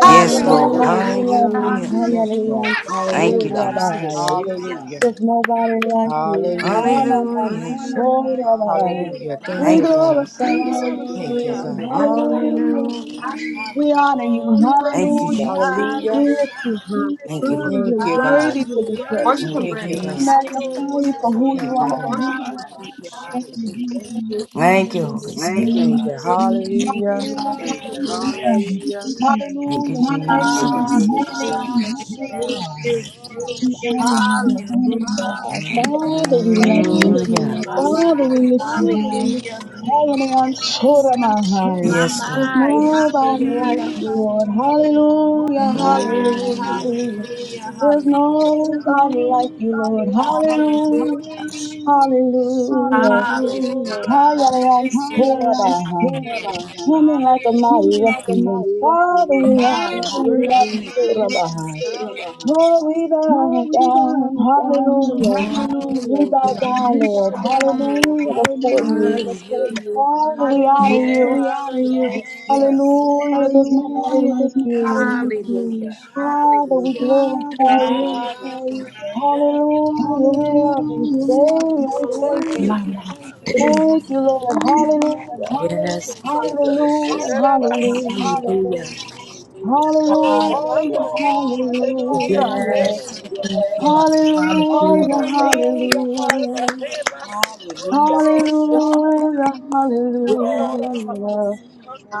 Speaker 7: Worship
Speaker 4: Yes,
Speaker 7: him.
Speaker 4: Lord.
Speaker 1: Hallelujah.
Speaker 6: Yes,
Speaker 2: Hallelujah.
Speaker 7: Yes,
Speaker 2: We
Speaker 6: Lord.
Speaker 7: Lord.
Speaker 2: love you.
Speaker 4: Hallelujah.
Speaker 6: Yes, Lord.
Speaker 2: Hallelujah.
Speaker 4: Thank you,
Speaker 6: Hallelujah.
Speaker 7: Thank you,
Speaker 4: Jesus.
Speaker 2: Kurabaya.
Speaker 7: Jesus.
Speaker 3: Hallelujah.
Speaker 6: Hallelujah.
Speaker 2: There's nobody like you.
Speaker 3: Yes.
Speaker 6: Hallelujah.
Speaker 7: Hallelujah.
Speaker 2: Hanaman
Speaker 3: Lord.
Speaker 4: Hallelujah.
Speaker 2: Kurabaya.
Speaker 7: Hallelujah.
Speaker 6: Hallelujah. Thank
Speaker 3: Mama,
Speaker 2: We
Speaker 6: you,
Speaker 4: Thank you,
Speaker 6: God.
Speaker 4: Jesus.
Speaker 2: glorify
Speaker 7: We Thank
Speaker 3: yes.
Speaker 7: you,
Speaker 2: you,
Speaker 7: Jesus.
Speaker 6: Thank you,
Speaker 2: Lord.
Speaker 7: Thank you.
Speaker 6: God.
Speaker 7: Lord.
Speaker 2: Hallelujah.
Speaker 4: Hallelujah.
Speaker 3: hallelujah.
Speaker 2: We
Speaker 3: Hallelujah.
Speaker 2: honor you.
Speaker 7: We honor
Speaker 4: Thank
Speaker 7: you,
Speaker 4: you,
Speaker 7: Thank you,
Speaker 2: Hallelujah.
Speaker 7: Lord.
Speaker 4: Jesus.
Speaker 7: Thank you,
Speaker 2: We
Speaker 6: Hallelujah.
Speaker 3: Hallelujah.
Speaker 2: lift you high.
Speaker 4: Thank you, Lord.
Speaker 2: Father,
Speaker 6: Thank
Speaker 2: you're
Speaker 6: you,
Speaker 7: Lord.
Speaker 6: God.
Speaker 2: worthy to be
Speaker 3: Hallelujah.
Speaker 7: you're worthy
Speaker 2: praised.
Speaker 7: to
Speaker 1: Worship
Speaker 7: be
Speaker 4: Thank
Speaker 1: him,
Speaker 4: you,
Speaker 6: Thank
Speaker 7: Thank
Speaker 6: you,
Speaker 7: you,
Speaker 1: grandson.
Speaker 2: We
Speaker 6: God.
Speaker 4: Jesus.
Speaker 1: Hallelujah.
Speaker 7: God.
Speaker 2: magnify
Speaker 7: We
Speaker 2: you for who
Speaker 7: magnify
Speaker 2: you
Speaker 6: Thank you,
Speaker 7: you
Speaker 2: are.
Speaker 7: for
Speaker 6: God.
Speaker 7: name like you Thank you, Lord. We
Speaker 3: Hallelujah.
Speaker 2: Thank you,
Speaker 3: Thank you.
Speaker 2: really, for
Speaker 3: Thank
Speaker 2: your
Speaker 3: you.
Speaker 2: worship and your
Speaker 4: Thank you,
Speaker 2: grace
Speaker 4: Holy
Speaker 2: and
Speaker 3: Thank
Speaker 7: Thank
Speaker 4: Spirit.
Speaker 7: you.
Speaker 6: Thank
Speaker 2: glory.
Speaker 6: you.
Speaker 3: you. Thank
Speaker 6: Hallelujah.
Speaker 3: you.
Speaker 2: Hallelujah. Thank you,
Speaker 3: Hallelujah.
Speaker 2: Father.
Speaker 7: Hallelujah.
Speaker 4: Thank you,
Speaker 2: Hallelujah. We
Speaker 7: Thank Hallelujah.
Speaker 2: worship
Speaker 4: Jesus.
Speaker 7: you, We
Speaker 2: you.
Speaker 7: Jesus. worship you.
Speaker 2: Hallelujah. and
Speaker 3: Hallelujah.
Speaker 7: Hallelujah.
Speaker 3: Thank
Speaker 2: Shaddai.
Speaker 3: you.
Speaker 2: We honor you, Lord, for who you
Speaker 3: Hallelujah.
Speaker 2: are. Father, we
Speaker 7: Father,
Speaker 2: love you.
Speaker 7: we
Speaker 4: Hallelujah.
Speaker 7: love
Speaker 3: My,
Speaker 7: you.
Speaker 2: Father, we
Speaker 3: my.
Speaker 2: lift you
Speaker 7: Father, we
Speaker 2: high.
Speaker 3: Hallelujah.
Speaker 2: Hallelujah. and
Speaker 7: Yes, There's
Speaker 2: Shaddai.
Speaker 3: My,
Speaker 4: Yes,
Speaker 2: There's
Speaker 4: Lord.
Speaker 3: my.
Speaker 2: nobody like
Speaker 3: Hallelujah.
Speaker 2: you, Lord. Hallelujah.
Speaker 3: My,
Speaker 4: Hallelujah.
Speaker 2: Hallelujah.
Speaker 3: hallelujah.
Speaker 2: There's
Speaker 3: Hallelujah.
Speaker 2: nobody like you, Lord.
Speaker 7: nobody like you, Lord.
Speaker 3: Hallelujah.
Speaker 2: Hallelujah.
Speaker 7: Hallelujah. Who
Speaker 2: Hallelujah.
Speaker 3: Hallelujah.
Speaker 7: me like
Speaker 2: Hayalans Horabaha,
Speaker 7: Hallelujah.
Speaker 2: coming like a mighty
Speaker 7: Hallelujah.
Speaker 2: rushing wind.
Speaker 7: mighty
Speaker 2: Father,
Speaker 3: My,
Speaker 7: refuge?
Speaker 2: we have
Speaker 3: my.
Speaker 7: God, You're like
Speaker 2: Hayalans
Speaker 7: a
Speaker 3: Hallelujah.
Speaker 7: mighty Lord.
Speaker 2: Horabaha.
Speaker 7: refuge of Hallelujah,
Speaker 2: Oh, we
Speaker 7: Oh,
Speaker 2: bow
Speaker 7: we bow
Speaker 2: down,
Speaker 7: down, Oh,
Speaker 2: hallelujah.
Speaker 7: hallelujah.
Speaker 2: We bow
Speaker 7: hallelujah.
Speaker 2: down,
Speaker 7: We
Speaker 2: Lord,
Speaker 7: bow down, Lord,
Speaker 2: hallelujah, before you.
Speaker 7: hallelujah, before
Speaker 3: Hallelujah.
Speaker 7: you.
Speaker 2: Father, we honor you,
Speaker 3: Yes,
Speaker 7: Hallelujah, honor you.
Speaker 3: yes, yes.
Speaker 7: Hallelujah.
Speaker 2: hallelujah. There's nobody
Speaker 7: Hallelujah.
Speaker 2: like
Speaker 7: There's nobody
Speaker 2: you.
Speaker 7: like you.
Speaker 3: Hallelujah.
Speaker 2: Father, we
Speaker 3: Hallelujah.
Speaker 7: Yorabashi. Father, we
Speaker 2: glorify you,
Speaker 7: Worthy are glorify you,
Speaker 3: Hallelujah.
Speaker 7: you.
Speaker 2: hallelujah.
Speaker 7: Lord.
Speaker 2: We love
Speaker 7: Hallelujah.
Speaker 2: you,
Speaker 7: We love you.
Speaker 2: Savior, we
Speaker 7: You're Lord.
Speaker 2: thank
Speaker 7: worthy,
Speaker 2: you.
Speaker 7: Thank
Speaker 3: Mama. yes,
Speaker 2: Thank you, Lord,
Speaker 7: God. you, Lord. Hallelujah.
Speaker 2: hallelujah.
Speaker 7: Wonderful
Speaker 3: we thank
Speaker 7: Father.
Speaker 3: you.
Speaker 2: Hallelujah,
Speaker 7: Hallelujah. Rarabasi.
Speaker 2: hallelujah,
Speaker 3: Hallelujah.
Speaker 7: Hallelujah.
Speaker 2: Hallelujah,
Speaker 7: Korarabaya.
Speaker 3: Hallelujah.
Speaker 7: Hallelujah. Hallelujah. Hallelujah.
Speaker 2: hallelujah,
Speaker 3: Yes, we
Speaker 7: Reshi. You are amazing,
Speaker 3: thank you. Lord.
Speaker 2: hallelujah,
Speaker 3: Hallelujah.
Speaker 7: Hallelujah. Father. Hallelujah.
Speaker 2: hallelujah,
Speaker 7: Rebasi.
Speaker 3: Hallelujah.
Speaker 7: Kondorosha. Hallelujah. Hallelujah.
Speaker 2: hallelujah,
Speaker 3: Yes.
Speaker 2: hallelujah.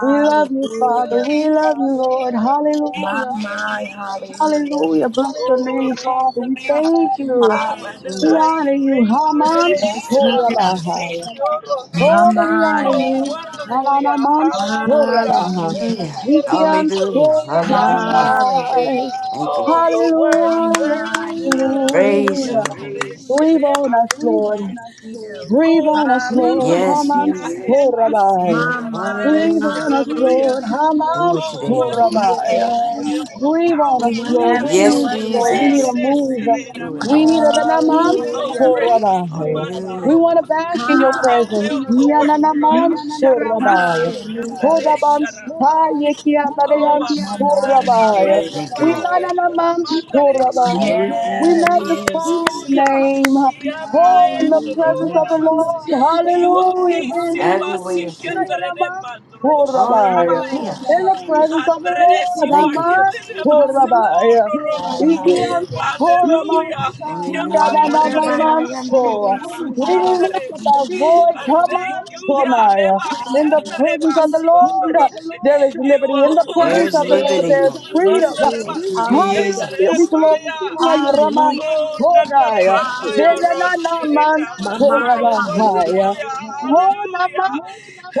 Speaker 2: We love you, Father. We love you,
Speaker 7: Father. We love you,
Speaker 2: Lord.
Speaker 7: Lord.
Speaker 3: My,
Speaker 2: Hallelujah,
Speaker 3: my,
Speaker 7: Hallelujah.
Speaker 3: hallelujah.
Speaker 2: hallelujah. Bless your
Speaker 7: Oh,
Speaker 2: name, Father. We
Speaker 7: amazing God.
Speaker 2: thank you.
Speaker 7: Oh, I
Speaker 2: We
Speaker 3: Hallelujah.
Speaker 7: deny
Speaker 2: honor
Speaker 7: you
Speaker 2: you.
Speaker 7: reign. Get
Speaker 2: Haman
Speaker 7: it,
Speaker 3: Yes,
Speaker 7: shit,
Speaker 3: we
Speaker 7: I'm
Speaker 3: do.
Speaker 7: a senior.
Speaker 3: My,
Speaker 2: Oh, we honor
Speaker 3: my.
Speaker 7: Oh,
Speaker 2: you.
Speaker 7: wonderful, yeah.
Speaker 2: Mananaman
Speaker 7: Hallelujah.
Speaker 2: Shorabaha.
Speaker 3: Hallelujah.
Speaker 4: Hallelujah.
Speaker 2: Rikian
Speaker 7: Yerabandoro,
Speaker 4: Hallelujah. Hallelujah.
Speaker 7: Yerabasi.
Speaker 3: Hallelujah.
Speaker 2: Shoramantai.
Speaker 4: Thank you,
Speaker 7: Oh,
Speaker 4: Jesus.
Speaker 7: you're
Speaker 3: My,
Speaker 7: worthy,
Speaker 2: Hallelujah,
Speaker 3: my,
Speaker 7: worthy. Yerabasi,
Speaker 4: Praise
Speaker 3: hallelujah.
Speaker 2: hallelujah.
Speaker 4: your holy
Speaker 7: Andere,
Speaker 4: name.
Speaker 2: Breathe on us, Lord.
Speaker 7: Sherebakiando.
Speaker 3: Yes, we do.
Speaker 2: Breathe
Speaker 7: Oh,
Speaker 2: on
Speaker 7: there's
Speaker 2: us,
Speaker 3: Hallelujah.
Speaker 7: none
Speaker 2: Lord,
Speaker 7: like
Speaker 4: Yes,
Speaker 7: you.
Speaker 2: Haman
Speaker 4: Jesus.
Speaker 7: Yahemasi,
Speaker 2: Horabai.
Speaker 3: My,
Speaker 7: Andere,
Speaker 3: my,
Speaker 2: Breathe on
Speaker 4: Hallelujah.
Speaker 2: us,
Speaker 3: hallelujah.
Speaker 2: Lord,
Speaker 7: Sherabaya.
Speaker 4: Do
Speaker 2: Haman
Speaker 4: it
Speaker 7: Oh,
Speaker 4: today, Lord.
Speaker 7: wonderful,
Speaker 2: Horabai.
Speaker 7: Yah.
Speaker 3: Yes,
Speaker 7: You're more
Speaker 2: Breathe on
Speaker 3: we
Speaker 2: us,
Speaker 3: will
Speaker 7: powerful,
Speaker 2: Lord.
Speaker 7: Yah.
Speaker 3: have it
Speaker 2: We
Speaker 3: no
Speaker 4: Yes,
Speaker 2: need
Speaker 3: other
Speaker 2: you,
Speaker 7: Shekinah,
Speaker 2: Lord. We
Speaker 3: way.
Speaker 2: need a
Speaker 4: Jesus.
Speaker 7: Andere,
Speaker 2: move.
Speaker 4: Do it,
Speaker 2: We
Speaker 4: Lord.
Speaker 7: Sererabaya.
Speaker 2: need a Naman
Speaker 7: Oh,
Speaker 3: Hallelujah.
Speaker 7: great.
Speaker 2: Horabai. We
Speaker 4: Hallelujah.
Speaker 2: want
Speaker 7: Ramandoro,
Speaker 2: to bask in
Speaker 7: you
Speaker 2: your
Speaker 7: are
Speaker 2: presence.
Speaker 3: Hallelujah.
Speaker 7: miracle worker, Yah.
Speaker 2: Niananaman Horabai.
Speaker 3: Hallelujah.
Speaker 7: Sharabasikiyandere
Speaker 2: Hodaban
Speaker 7: Sharaba. Oh,
Speaker 2: Sayekiamadayan
Speaker 3: My, my,
Speaker 7: Amandere,
Speaker 2: Horabai.
Speaker 7: strength,
Speaker 3: hallelujah.
Speaker 4: Thank you,
Speaker 2: We
Speaker 4: Lord.
Speaker 7: Father.
Speaker 2: mananaman
Speaker 7: Yuramandere Shi.
Speaker 2: Horabai.
Speaker 4: Do it,
Speaker 2: We
Speaker 3: Yes.
Speaker 2: magnify
Speaker 4: Jesus.
Speaker 2: your
Speaker 7: Hallelujah.
Speaker 2: name. Oh, in the
Speaker 3: Hallelujah.
Speaker 7: Shiamayendoro
Speaker 4: We
Speaker 2: presence of
Speaker 4: need
Speaker 2: the
Speaker 4: you,
Speaker 2: Lord.
Speaker 4: Jesus.
Speaker 7: Rabasi. You are Amandare. Hallelujah. She am my end, Rabas. He will
Speaker 2: Hallelujah.
Speaker 3: Yes.
Speaker 7: peace.
Speaker 2: There is
Speaker 4: Have your way
Speaker 3: Hallelujah.
Speaker 4: in today.
Speaker 7: Yabasikyandere Mandro
Speaker 2: Horabaya.
Speaker 3: My,
Speaker 7: Sharabaya.
Speaker 4: Hallelujah.
Speaker 2: In
Speaker 3: my,
Speaker 2: the presence of the
Speaker 7: Andres,
Speaker 2: Lord,
Speaker 7: you
Speaker 4: Thank you,
Speaker 7: are
Speaker 2: Aman,
Speaker 4: Jesus.
Speaker 7: healing. Yabasiko
Speaker 2: Horabaya.
Speaker 3: my,
Speaker 7: Doroshe.
Speaker 2: Ikian,
Speaker 3: hallelujah.
Speaker 2: Horaman,
Speaker 7: Hallelujah.
Speaker 4: Hallelujah.
Speaker 3: Hallelujah.
Speaker 7: Kiamayandere
Speaker 2: Yananaman, so.
Speaker 7: basiyondere
Speaker 2: We
Speaker 3: Hallelujah.
Speaker 2: lift
Speaker 7: bakiyandere
Speaker 2: up our
Speaker 7: she.
Speaker 2: voice,
Speaker 7: And thank
Speaker 2: Haman,
Speaker 7: you, Yah.
Speaker 2: Sonaya.
Speaker 7: Reba
Speaker 2: In the
Speaker 3: Hallelujah.
Speaker 7: kiyandere
Speaker 2: presence of the
Speaker 7: basiyondere
Speaker 2: Lord,
Speaker 7: she.
Speaker 2: there is
Speaker 7: You
Speaker 2: liberty. In
Speaker 7: are
Speaker 2: the presence
Speaker 3: Yes,
Speaker 4: There's
Speaker 2: of
Speaker 3: it
Speaker 2: the
Speaker 7: worthy.
Speaker 2: Lord,
Speaker 4: liberty,
Speaker 3: is.
Speaker 2: there is
Speaker 4: Lord.
Speaker 3: Yes,
Speaker 2: freedom.
Speaker 7: Shimandere
Speaker 3: it
Speaker 4: Thank
Speaker 3: is.
Speaker 4: you, Jesus.
Speaker 3: Hallelujah.
Speaker 7: basikendere
Speaker 2: Hallelujah, we glorify you,
Speaker 7: maya.
Speaker 2: Raman
Speaker 3: Hallelujah.
Speaker 7: Oh,
Speaker 2: Sonaya.
Speaker 7: Natarene Paya
Speaker 3: Hallelujah.
Speaker 7: Roshiri
Speaker 2: Dedanaman,
Speaker 3: My
Speaker 7: Rabasi,
Speaker 3: mind.
Speaker 7: oh,
Speaker 3: Hallelujah.
Speaker 7: wonderful,
Speaker 2: Sorabahaya.
Speaker 7: yeah, hallelujah.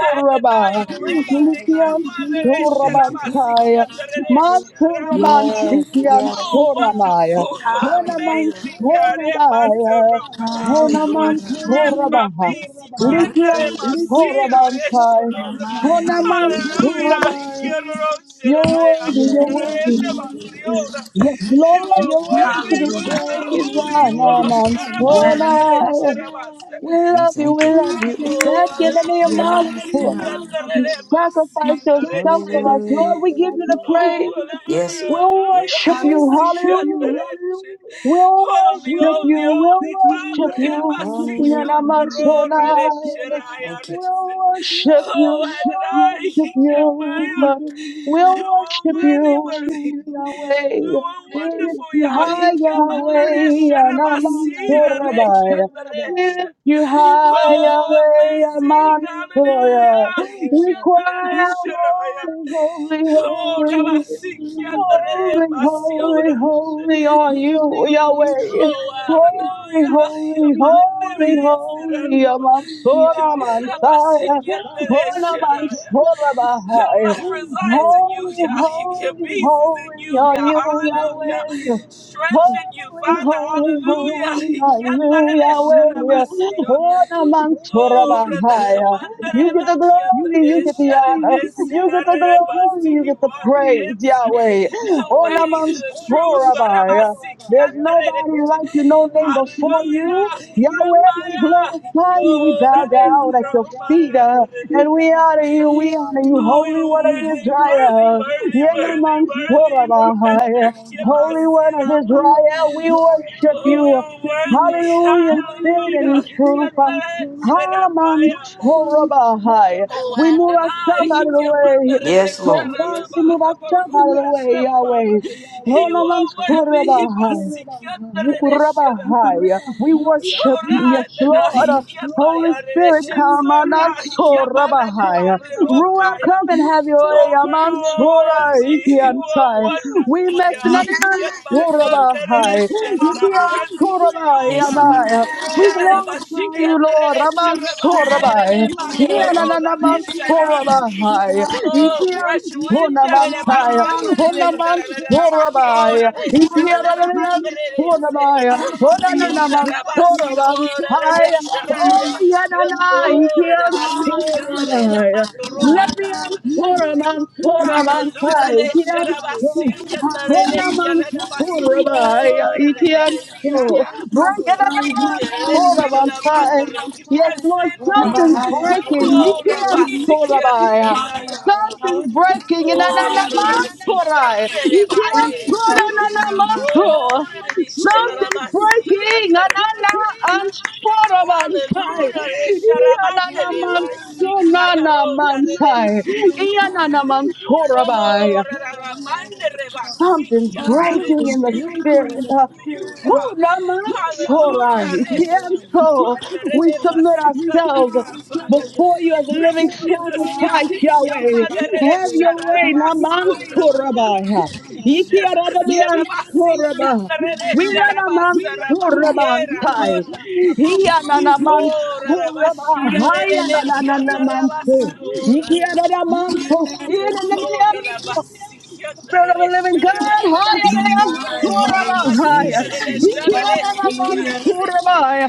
Speaker 7: And now you reign, the
Speaker 2: Likian
Speaker 7: Kemaneresh
Speaker 4: Thank you, God.
Speaker 7: Rabasi,
Speaker 2: Sorabansaya, Mas
Speaker 7: Kiandareresh Rama.
Speaker 2: Koraban
Speaker 3: Yes,
Speaker 2: Sikian
Speaker 7: Oh,
Speaker 3: yes.
Speaker 2: Soramaya,
Speaker 7: wonderful,
Speaker 2: Honaman
Speaker 3: Hallelujah.
Speaker 7: amazing God,
Speaker 2: Sorabaya,
Speaker 7: my
Speaker 2: Honaman
Speaker 3: Hallelujah.
Speaker 7: strength, my
Speaker 2: Sorabaha,
Speaker 7: peace. Yendere
Speaker 2: Likian
Speaker 3: Hallelujah.
Speaker 7: basira
Speaker 2: Sorabansai,
Speaker 3: My mind.
Speaker 7: reshurura.
Speaker 2: Honaman
Speaker 3: Hallelujah.
Speaker 7: Hallelujah.
Speaker 2: Sorabaya,
Speaker 7: Yeroro
Speaker 2: you're
Speaker 7: shiraya.
Speaker 2: worthy, you're
Speaker 3: Yes.
Speaker 2: worthy.
Speaker 7: Yerende
Speaker 3: Hallelujah. It
Speaker 7: basiora.
Speaker 3: is.
Speaker 2: Yes,
Speaker 7: You
Speaker 2: Lord,
Speaker 7: are
Speaker 2: you're worthy
Speaker 7: worthy,
Speaker 2: to be
Speaker 3: Hallelujah.
Speaker 7: Father.
Speaker 2: praised.
Speaker 7: Holy you are.
Speaker 4: Jesus,
Speaker 2: Honaman
Speaker 4: Jesus,
Speaker 3: Yes.
Speaker 7: Yerabasere
Speaker 4: Jesus.
Speaker 2: Sorai.
Speaker 7: shirabasa.
Speaker 2: We
Speaker 4: We
Speaker 2: love you,
Speaker 4: thank
Speaker 2: we
Speaker 4: you, Lord.
Speaker 2: love you.
Speaker 7: Oh,
Speaker 2: Second
Speaker 7: hallelujah.
Speaker 2: name
Speaker 3: Yes.
Speaker 2: of
Speaker 3: Lord.
Speaker 2: you
Speaker 7: Yandarelemasi,
Speaker 2: sacrificed yourself
Speaker 7: Sacrifice
Speaker 2: for
Speaker 7: areche.
Speaker 2: us.
Speaker 7: of
Speaker 4: Hallelujah.
Speaker 7: self
Speaker 2: Lord, we
Speaker 7: for
Speaker 2: give
Speaker 7: us,
Speaker 2: you the praise.
Speaker 7: Oh, give you the
Speaker 4: Yes,
Speaker 7: hallelujah,
Speaker 4: Lord.
Speaker 2: We
Speaker 7: praise. hallelujah.
Speaker 2: worship you.
Speaker 1: Hallelujah.
Speaker 2: Hallelujah.
Speaker 7: Isikandareche.
Speaker 2: We'll
Speaker 7: Holy, holy,
Speaker 2: worship
Speaker 7: holy
Speaker 2: you, we'll
Speaker 7: worship you, Father, we
Speaker 2: worship
Speaker 7: worship you.
Speaker 2: you,
Speaker 4: Hallelujah.
Speaker 2: Yanamansonai.
Speaker 7: Hebasikyondororeche,
Speaker 4: Thank you. Jesus.
Speaker 2: We'll worship
Speaker 7: Oh,
Speaker 2: you,
Speaker 7: worship you, Adonai, we worship Hikamaya.
Speaker 2: we'll worship
Speaker 7: you.
Speaker 2: you, we'll
Speaker 7: are
Speaker 2: worship
Speaker 7: worthy, worship worthy.
Speaker 2: you,
Speaker 7: you. You
Speaker 2: Yahweh.
Speaker 7: are
Speaker 2: We
Speaker 7: wonderful,
Speaker 2: lift
Speaker 7: We
Speaker 2: you
Speaker 7: Yah. lift
Speaker 2: high,
Speaker 7: you
Speaker 2: Yahweh,
Speaker 7: Rabasira,
Speaker 2: Yanamansorabai.
Speaker 7: Yahweh,
Speaker 2: We lift you high,
Speaker 7: Oh,
Speaker 2: Yahweh,
Speaker 7: amazing.
Speaker 2: Yamansorah.
Speaker 7: Hallelujah.
Speaker 2: We cry
Speaker 7: Kianderere
Speaker 2: out,
Speaker 7: sharaya.
Speaker 2: holy, holy,
Speaker 7: Oh,
Speaker 2: holy.
Speaker 7: Rabasi kianderere
Speaker 2: Holy, holy,
Speaker 7: basiora.
Speaker 2: holy are you, Yahweh.
Speaker 7: Oh,
Speaker 2: Holy,
Speaker 7: hallelujah.
Speaker 2: holy, holy,
Speaker 7: Yamanderere
Speaker 2: holy,
Speaker 7: siraraba.
Speaker 2: Amansora
Speaker 7: Rabasi
Speaker 2: Mansaya,
Speaker 7: kianderere
Speaker 2: Bona
Speaker 7: sharaya.
Speaker 2: Mansora
Speaker 7: Your
Speaker 2: Bahai.
Speaker 7: life resides in you,
Speaker 2: Holy,
Speaker 7: Yah. Your
Speaker 2: holy,
Speaker 7: peace is in
Speaker 2: holy
Speaker 7: you,
Speaker 2: are
Speaker 7: Yah.
Speaker 2: you,
Speaker 7: Hallelujah.
Speaker 2: Yahweh.
Speaker 7: Strength in you,
Speaker 2: Holy,
Speaker 7: Father.
Speaker 2: holy,
Speaker 7: Hallelujah.
Speaker 2: holy are you, Yahweh.
Speaker 7: Yandaredesharabasiya.
Speaker 2: Bona Mansora Bahai. You get the glory, you get the honor. You get the glory.
Speaker 7: Toredamandarebakiyandaresharedesirarebasi.
Speaker 2: You get
Speaker 7: You
Speaker 2: the
Speaker 7: are the
Speaker 2: praise,
Speaker 7: answer
Speaker 2: Yahweh.
Speaker 7: the way,
Speaker 2: Onamans
Speaker 7: the truth.
Speaker 2: Horabai. There's nobody like you, no name before
Speaker 7: Hallelujah.
Speaker 2: you. Yahweh, we
Speaker 7: Yamaya.
Speaker 2: glorify you. We
Speaker 7: Kyora
Speaker 2: bow down at your feet
Speaker 7: desiromaya
Speaker 2: uh, and
Speaker 7: terereche.
Speaker 2: we honor you. We honor you,
Speaker 7: Oh,
Speaker 2: Holy
Speaker 7: you're
Speaker 2: One of
Speaker 7: worthy, worthy,
Speaker 2: Israel.
Speaker 7: worthy, worthy,
Speaker 2: Yenamans
Speaker 7: worthy. You are better.
Speaker 2: Horabai. Holy One of
Speaker 7: Yabasiraba.
Speaker 2: Israel, we worship
Speaker 7: Oh,
Speaker 2: you.
Speaker 7: you're worthy.
Speaker 2: Hallelujah in spirit and in
Speaker 7: Hallelujah.
Speaker 2: truth.
Speaker 7: Kyatareche
Speaker 2: Haman
Speaker 7: rabaya.
Speaker 2: Horabahai.
Speaker 7: Oh,
Speaker 2: We move
Speaker 7: Adonai,
Speaker 2: ourselves out of the way.
Speaker 7: Hikemandere
Speaker 4: Yes,
Speaker 7: Yes,
Speaker 2: Oh,
Speaker 4: Lord.
Speaker 2: Father, we
Speaker 7: Sharababa,
Speaker 2: move
Speaker 7: Lord.
Speaker 2: ourselves out of the
Speaker 7: Rabaruka
Speaker 2: way, Yahweh.
Speaker 7: Shambaba.
Speaker 2: Oh,
Speaker 7: You
Speaker 2: no
Speaker 7: are worthy,
Speaker 2: man's
Speaker 7: Hibasikandere Sharaba.
Speaker 2: Mukurabahaya. We worship
Speaker 7: Sora
Speaker 2: you, yes, Lord.
Speaker 4: Thank
Speaker 7: Adonai,
Speaker 4: you,
Speaker 2: Holy
Speaker 7: Hikemaya
Speaker 2: Spirit,
Speaker 7: Rereshin,
Speaker 2: come and
Speaker 7: Sora Hikemana
Speaker 2: Rabahaya.
Speaker 7: Nemane
Speaker 2: Ruah, come and
Speaker 7: Rokaya.
Speaker 2: have your way,
Speaker 7: Oh, for you are
Speaker 2: Amansora,
Speaker 4: Jesus.
Speaker 7: worthy, you are
Speaker 2: Ikiansai. We
Speaker 7: wonderful,
Speaker 2: must
Speaker 7: Yah.
Speaker 2: not
Speaker 7: Hikemaya
Speaker 2: Rabahaya.
Speaker 7: Rereshin, I'm Thank pressing to you, you,
Speaker 4: Yes, Lord.
Speaker 7: Father.
Speaker 2: Ikiansorabahaya. We glorify
Speaker 7: Hirarabashiki
Speaker 2: you, Lord,
Speaker 7: andarere shurabaserere
Speaker 2: Amansorabahaya.
Speaker 3: Yes. Hallelujah.
Speaker 7: makioro raresharaya.
Speaker 2: Yanananamansorabahaya.
Speaker 7: Oh, fresh wind,
Speaker 3: My
Speaker 2: Ikiansorabahaya. Onamansor. Rabbi. Orabaya, Orananamam, Orabam, Haya, Oh, Yananai, Kian, Orabaya, Levian,
Speaker 7: Thank you.
Speaker 2: Oraman, Oraman,
Speaker 7: Hallelujah,
Speaker 2: Haya,
Speaker 7: de
Speaker 2: Kian, Oh,
Speaker 7: Sherabasikia, de
Speaker 2: Oraman,
Speaker 7: Sherabasiko,
Speaker 2: Orabaya,
Speaker 7: de
Speaker 2: Ikian, Oh,
Speaker 3: mind.
Speaker 2: Brankananaman,
Speaker 3: Hallelujah.
Speaker 2: Oraman,
Speaker 7: Sirada.
Speaker 2: Haya.
Speaker 7: He
Speaker 2: Yes,
Speaker 7: press
Speaker 2: Lord,
Speaker 7: in,
Speaker 2: something's
Speaker 7: Father.
Speaker 3: Thank
Speaker 2: breaking.
Speaker 7: Oh,
Speaker 2: Ikian,
Speaker 7: Rabasikia,
Speaker 2: Orabaya.
Speaker 7: Naya.
Speaker 2: Something's breaking.
Speaker 7: Oh,
Speaker 2: Nananaman,
Speaker 7: Rabasikia,
Speaker 2: Oraya. Ikian,
Speaker 7: Nerebaye.
Speaker 3: you, fellow Railroaders.
Speaker 2: Orananaman,
Speaker 7: Oh, de
Speaker 2: Something's breaking. Anana,
Speaker 7: Sherabasikia,
Speaker 2: I'm sure about it.
Speaker 7: Hallelujah. Esharabande
Speaker 2: Ianana, man, so
Speaker 3: Hallelujah.
Speaker 7: rebasikaya
Speaker 2: nana,
Speaker 7: roda
Speaker 2: man, sai.
Speaker 3: Yes,
Speaker 7: rebeche.
Speaker 2: Ianana, man, so rabbi.
Speaker 7: Oh,
Speaker 3: yes,
Speaker 7: rarabande
Speaker 2: Something's
Speaker 7: rebasikianda
Speaker 2: breaking in the
Speaker 7: reche. We
Speaker 3: Hallelujah.
Speaker 7: press
Speaker 2: spirit. Uh,
Speaker 7: in you,
Speaker 2: who
Speaker 3: Yes,
Speaker 7: Yah.
Speaker 2: namatorai,
Speaker 7: Hallelujah.
Speaker 2: kianso.
Speaker 7: Reshirimanda
Speaker 2: we submit
Speaker 7: rebasikanda
Speaker 2: ourselves
Speaker 7: rabaya.
Speaker 2: before you as a living
Speaker 7: Refreeing us, Yah.
Speaker 2: sacrifice, Yahweh.
Speaker 7: Ikiamada
Speaker 2: Have your way.
Speaker 7: resharabasio rabaya.
Speaker 2: namansorabai.
Speaker 7: Shift us, Yah.
Speaker 2: Ikiaradabiansoraba.
Speaker 7: Rabasikianda
Speaker 2: We
Speaker 7: resharabasarabaya. Era
Speaker 2: Sorabantay.
Speaker 7: roda.
Speaker 2: Hiyananaman
Speaker 7: Oh,
Speaker 2: soraba.
Speaker 7: Rabashira Rede Kiana
Speaker 2: Hayanananaman so.
Speaker 7: Rabasura.
Speaker 2: Ikiaradaman so.
Speaker 7: Oh, Rabasi,
Speaker 2: Spirit of
Speaker 7: Kiandarere,
Speaker 2: the living
Speaker 7: Sharada,
Speaker 2: God, higher than
Speaker 7: Rabasi,
Speaker 2: I am,
Speaker 7: Kyo,
Speaker 3: my
Speaker 2: Surabah,
Speaker 4: Yes,
Speaker 7: Rabasi,
Speaker 4: Jesus,
Speaker 7: Arere,
Speaker 3: hallelujah.
Speaker 4: Jesus.
Speaker 7: Sharare,
Speaker 2: Ikiana man,
Speaker 3: Hallelujah.
Speaker 7: Sikiandarese.
Speaker 2: Surabah,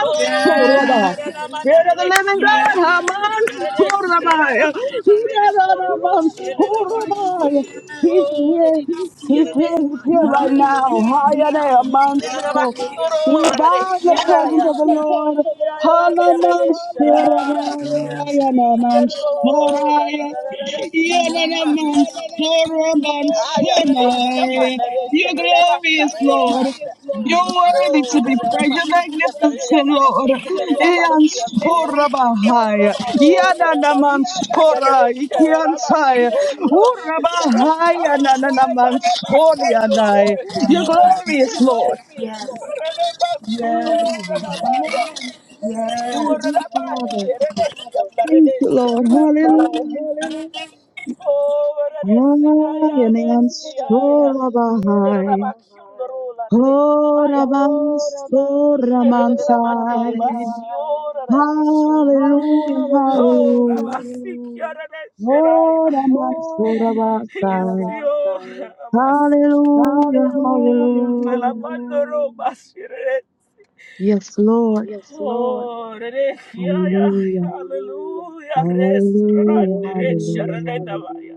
Speaker 7: Oh,
Speaker 3: Yes,
Speaker 7: Ranarana,
Speaker 2: Spirit of the
Speaker 7: Manarare,
Speaker 2: living
Speaker 3: yes,
Speaker 2: God,
Speaker 7: Kiaya,
Speaker 2: Haman,
Speaker 7: Yarere,
Speaker 3: hallelujah.
Speaker 7: Sirana, Mandare,
Speaker 2: Ikiana
Speaker 7: Kiororo,
Speaker 2: man,
Speaker 7: Sherera, Maya.
Speaker 2: He's
Speaker 7: Oh,
Speaker 2: here.
Speaker 7: Rere,
Speaker 2: He's here.
Speaker 7: Sierere,
Speaker 2: He's
Speaker 7: Maya.
Speaker 3: Hallelujah.
Speaker 2: here
Speaker 3: Hallelujah.
Speaker 2: right now. Higher than I am, man,
Speaker 7: Reraba,
Speaker 2: sure.
Speaker 7: Kioro,
Speaker 2: We
Speaker 7: Rarare,
Speaker 2: bow in the presence
Speaker 7: Sheraya,
Speaker 3: Hallelujah.
Speaker 2: of the Lord. Halamansorabaya
Speaker 3: Hallelujah.
Speaker 4: Jesus.
Speaker 7: Oh, da
Speaker 2: Nanamansoraya
Speaker 7: da da ba si ya da
Speaker 3: My
Speaker 7: da
Speaker 3: mind.
Speaker 7: da ba shi ka da
Speaker 2: Yananamansoramansoraya. You're
Speaker 7: da da ba si ya
Speaker 2: glorious,
Speaker 7: da da.
Speaker 2: Lord.
Speaker 3: My mind. My
Speaker 2: You're worthy
Speaker 7: Yo
Speaker 2: to be
Speaker 7: da da
Speaker 2: praised.
Speaker 7: ba
Speaker 2: You're
Speaker 7: si ya da da
Speaker 2: magnificent,
Speaker 7: da
Speaker 2: Lord.
Speaker 7: shi da da ba si yo da
Speaker 2: Iansorabahaya
Speaker 7: da
Speaker 2: Yananamansora Ikiansaya
Speaker 7: shi da da ba si.
Speaker 2: Urabahaya
Speaker 7: Ay, sa da ba ki yo da da
Speaker 2: Nananamansoryanai.
Speaker 7: da
Speaker 2: You're
Speaker 3: mind.
Speaker 7: shi.
Speaker 2: glorious, Lord.
Speaker 7: Yes, yes.
Speaker 3: Yes.
Speaker 7: Sa da da ba si
Speaker 2: Ah,
Speaker 7: yo
Speaker 3: Yes.
Speaker 7: da da ba ya.
Speaker 2: Lord,
Speaker 7: Oh, hallelujah. Oh, Rabbi. Oh, Rabbi.
Speaker 3: Yes.
Speaker 2: thank you, Father. Thank you, Lord. Hallelujah.
Speaker 7: Oh,
Speaker 2: Ayanan sorabahai. Horaban soramansai.
Speaker 7: Hallelujah.
Speaker 2: Hallelujah,
Speaker 7: Hallelujah.
Speaker 2: hallelujah.
Speaker 7: Rabasikia Radeshiraya.
Speaker 2: Horaman
Speaker 7: Oh, Rabbi.
Speaker 2: sorabasai.
Speaker 7: Isio Rabasiki.
Speaker 2: Hallelujah,
Speaker 7: Hallelujah. Mm, Hallelujah.
Speaker 2: hallelujah.
Speaker 7: Lamandoro Bashire.
Speaker 2: Yes, Lord.
Speaker 7: Yes, Lord. Oh, re- yeah, yeah, Hallelujah.
Speaker 2: Hallelujah,
Speaker 7: hallelujah. Res-
Speaker 2: hallelujah,
Speaker 7: rande- re- Hallelujah. sharadeta
Speaker 2: hallelujah.
Speaker 7: baya.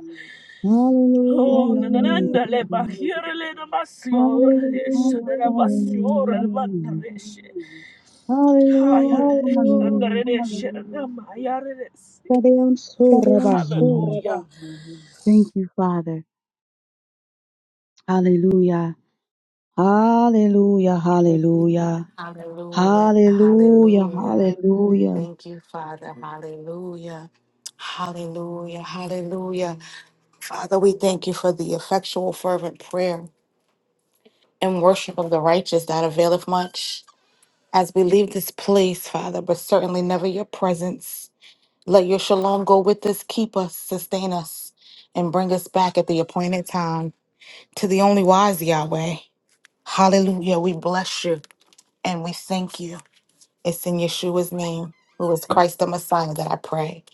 Speaker 7: Hallelujah. Oh,
Speaker 2: Hallelujah,
Speaker 7: nanananda le Hallelujah.
Speaker 2: hallelujah.
Speaker 7: bahira le namasio, re-
Speaker 2: Hallelujah,
Speaker 7: sharada Hallelujah. basio,
Speaker 2: hallelujah.
Speaker 7: reshe. Hallelujah. Haya,
Speaker 2: Hallelujah.
Speaker 7: re- kianda re- re-
Speaker 2: Hallelujah.
Speaker 7: Hallelujah. sharada re- re- si.
Speaker 2: Kadeon
Speaker 7: sure
Speaker 2: Surabahaya.
Speaker 7: Hallelujah.
Speaker 2: Thank you, Father. Hallelujah. Hallelujah. Hallelujah.
Speaker 1: Hallelujah.
Speaker 2: Hallelujah.
Speaker 1: Hallelujah.
Speaker 2: Hallelujah.
Speaker 1: Thank you, Father. Hallelujah. Hallelujah. Hallelujah. Father, we thank you for the effectual, fervent prayer and worship of the righteous that availeth much. As we leave this place, Father, but certainly never your presence, let your shalom go with us, keep us, sustain us, and bring us back at the appointed time to the only wise Yahweh. Hallelujah. We bless you and we thank you. It's in Yeshua's name, who is Christ the Messiah, that I pray.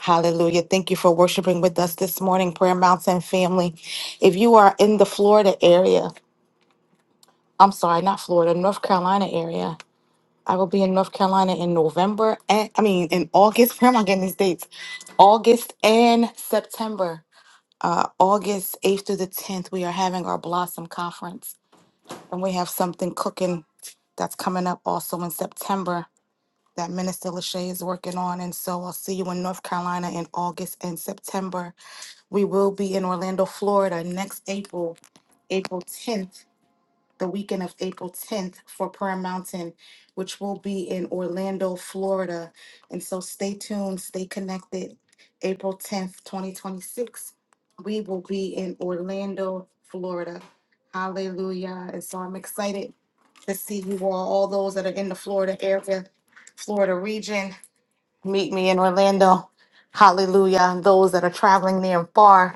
Speaker 1: Hallelujah. Thank you for worshiping with us this morning, Prayer Mountain family. If you are in the Florida area, I'm sorry, not Florida, North Carolina area, I will be in North Carolina in November and I mean in August. Where am I getting these dates? August and September. Uh, August 8th through the 10th, we are having our Blossom Conference, and we have something cooking that's coming up also in September that Minister Lachey is working on. And so I'll see you in North Carolina in August and September. We will be in Orlando, Florida next April, April 10th, the weekend of April 10th for Prayer Mountain, which will be in Orlando, Florida. And so stay tuned, stay connected. April 10th, 2026, we will be in Orlando, Florida. Hallelujah. And so I'm excited to see you all, all those that are in the Florida area, Florida region. Meet me in Orlando. Hallelujah. And those that are traveling near and far,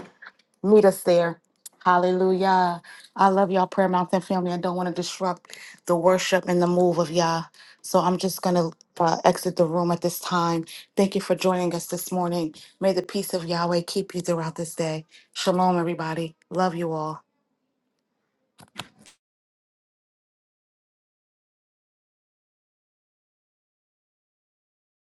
Speaker 1: meet us there. Hallelujah. I love y'all, Prayer Mountain family. I don't want to disrupt the worship and the move of y'all. So I'm just going to uh, exit the room at this time. Thank you for joining us this morning. May the peace of Yahweh keep you throughout this day. Shalom, everybody. Love you all.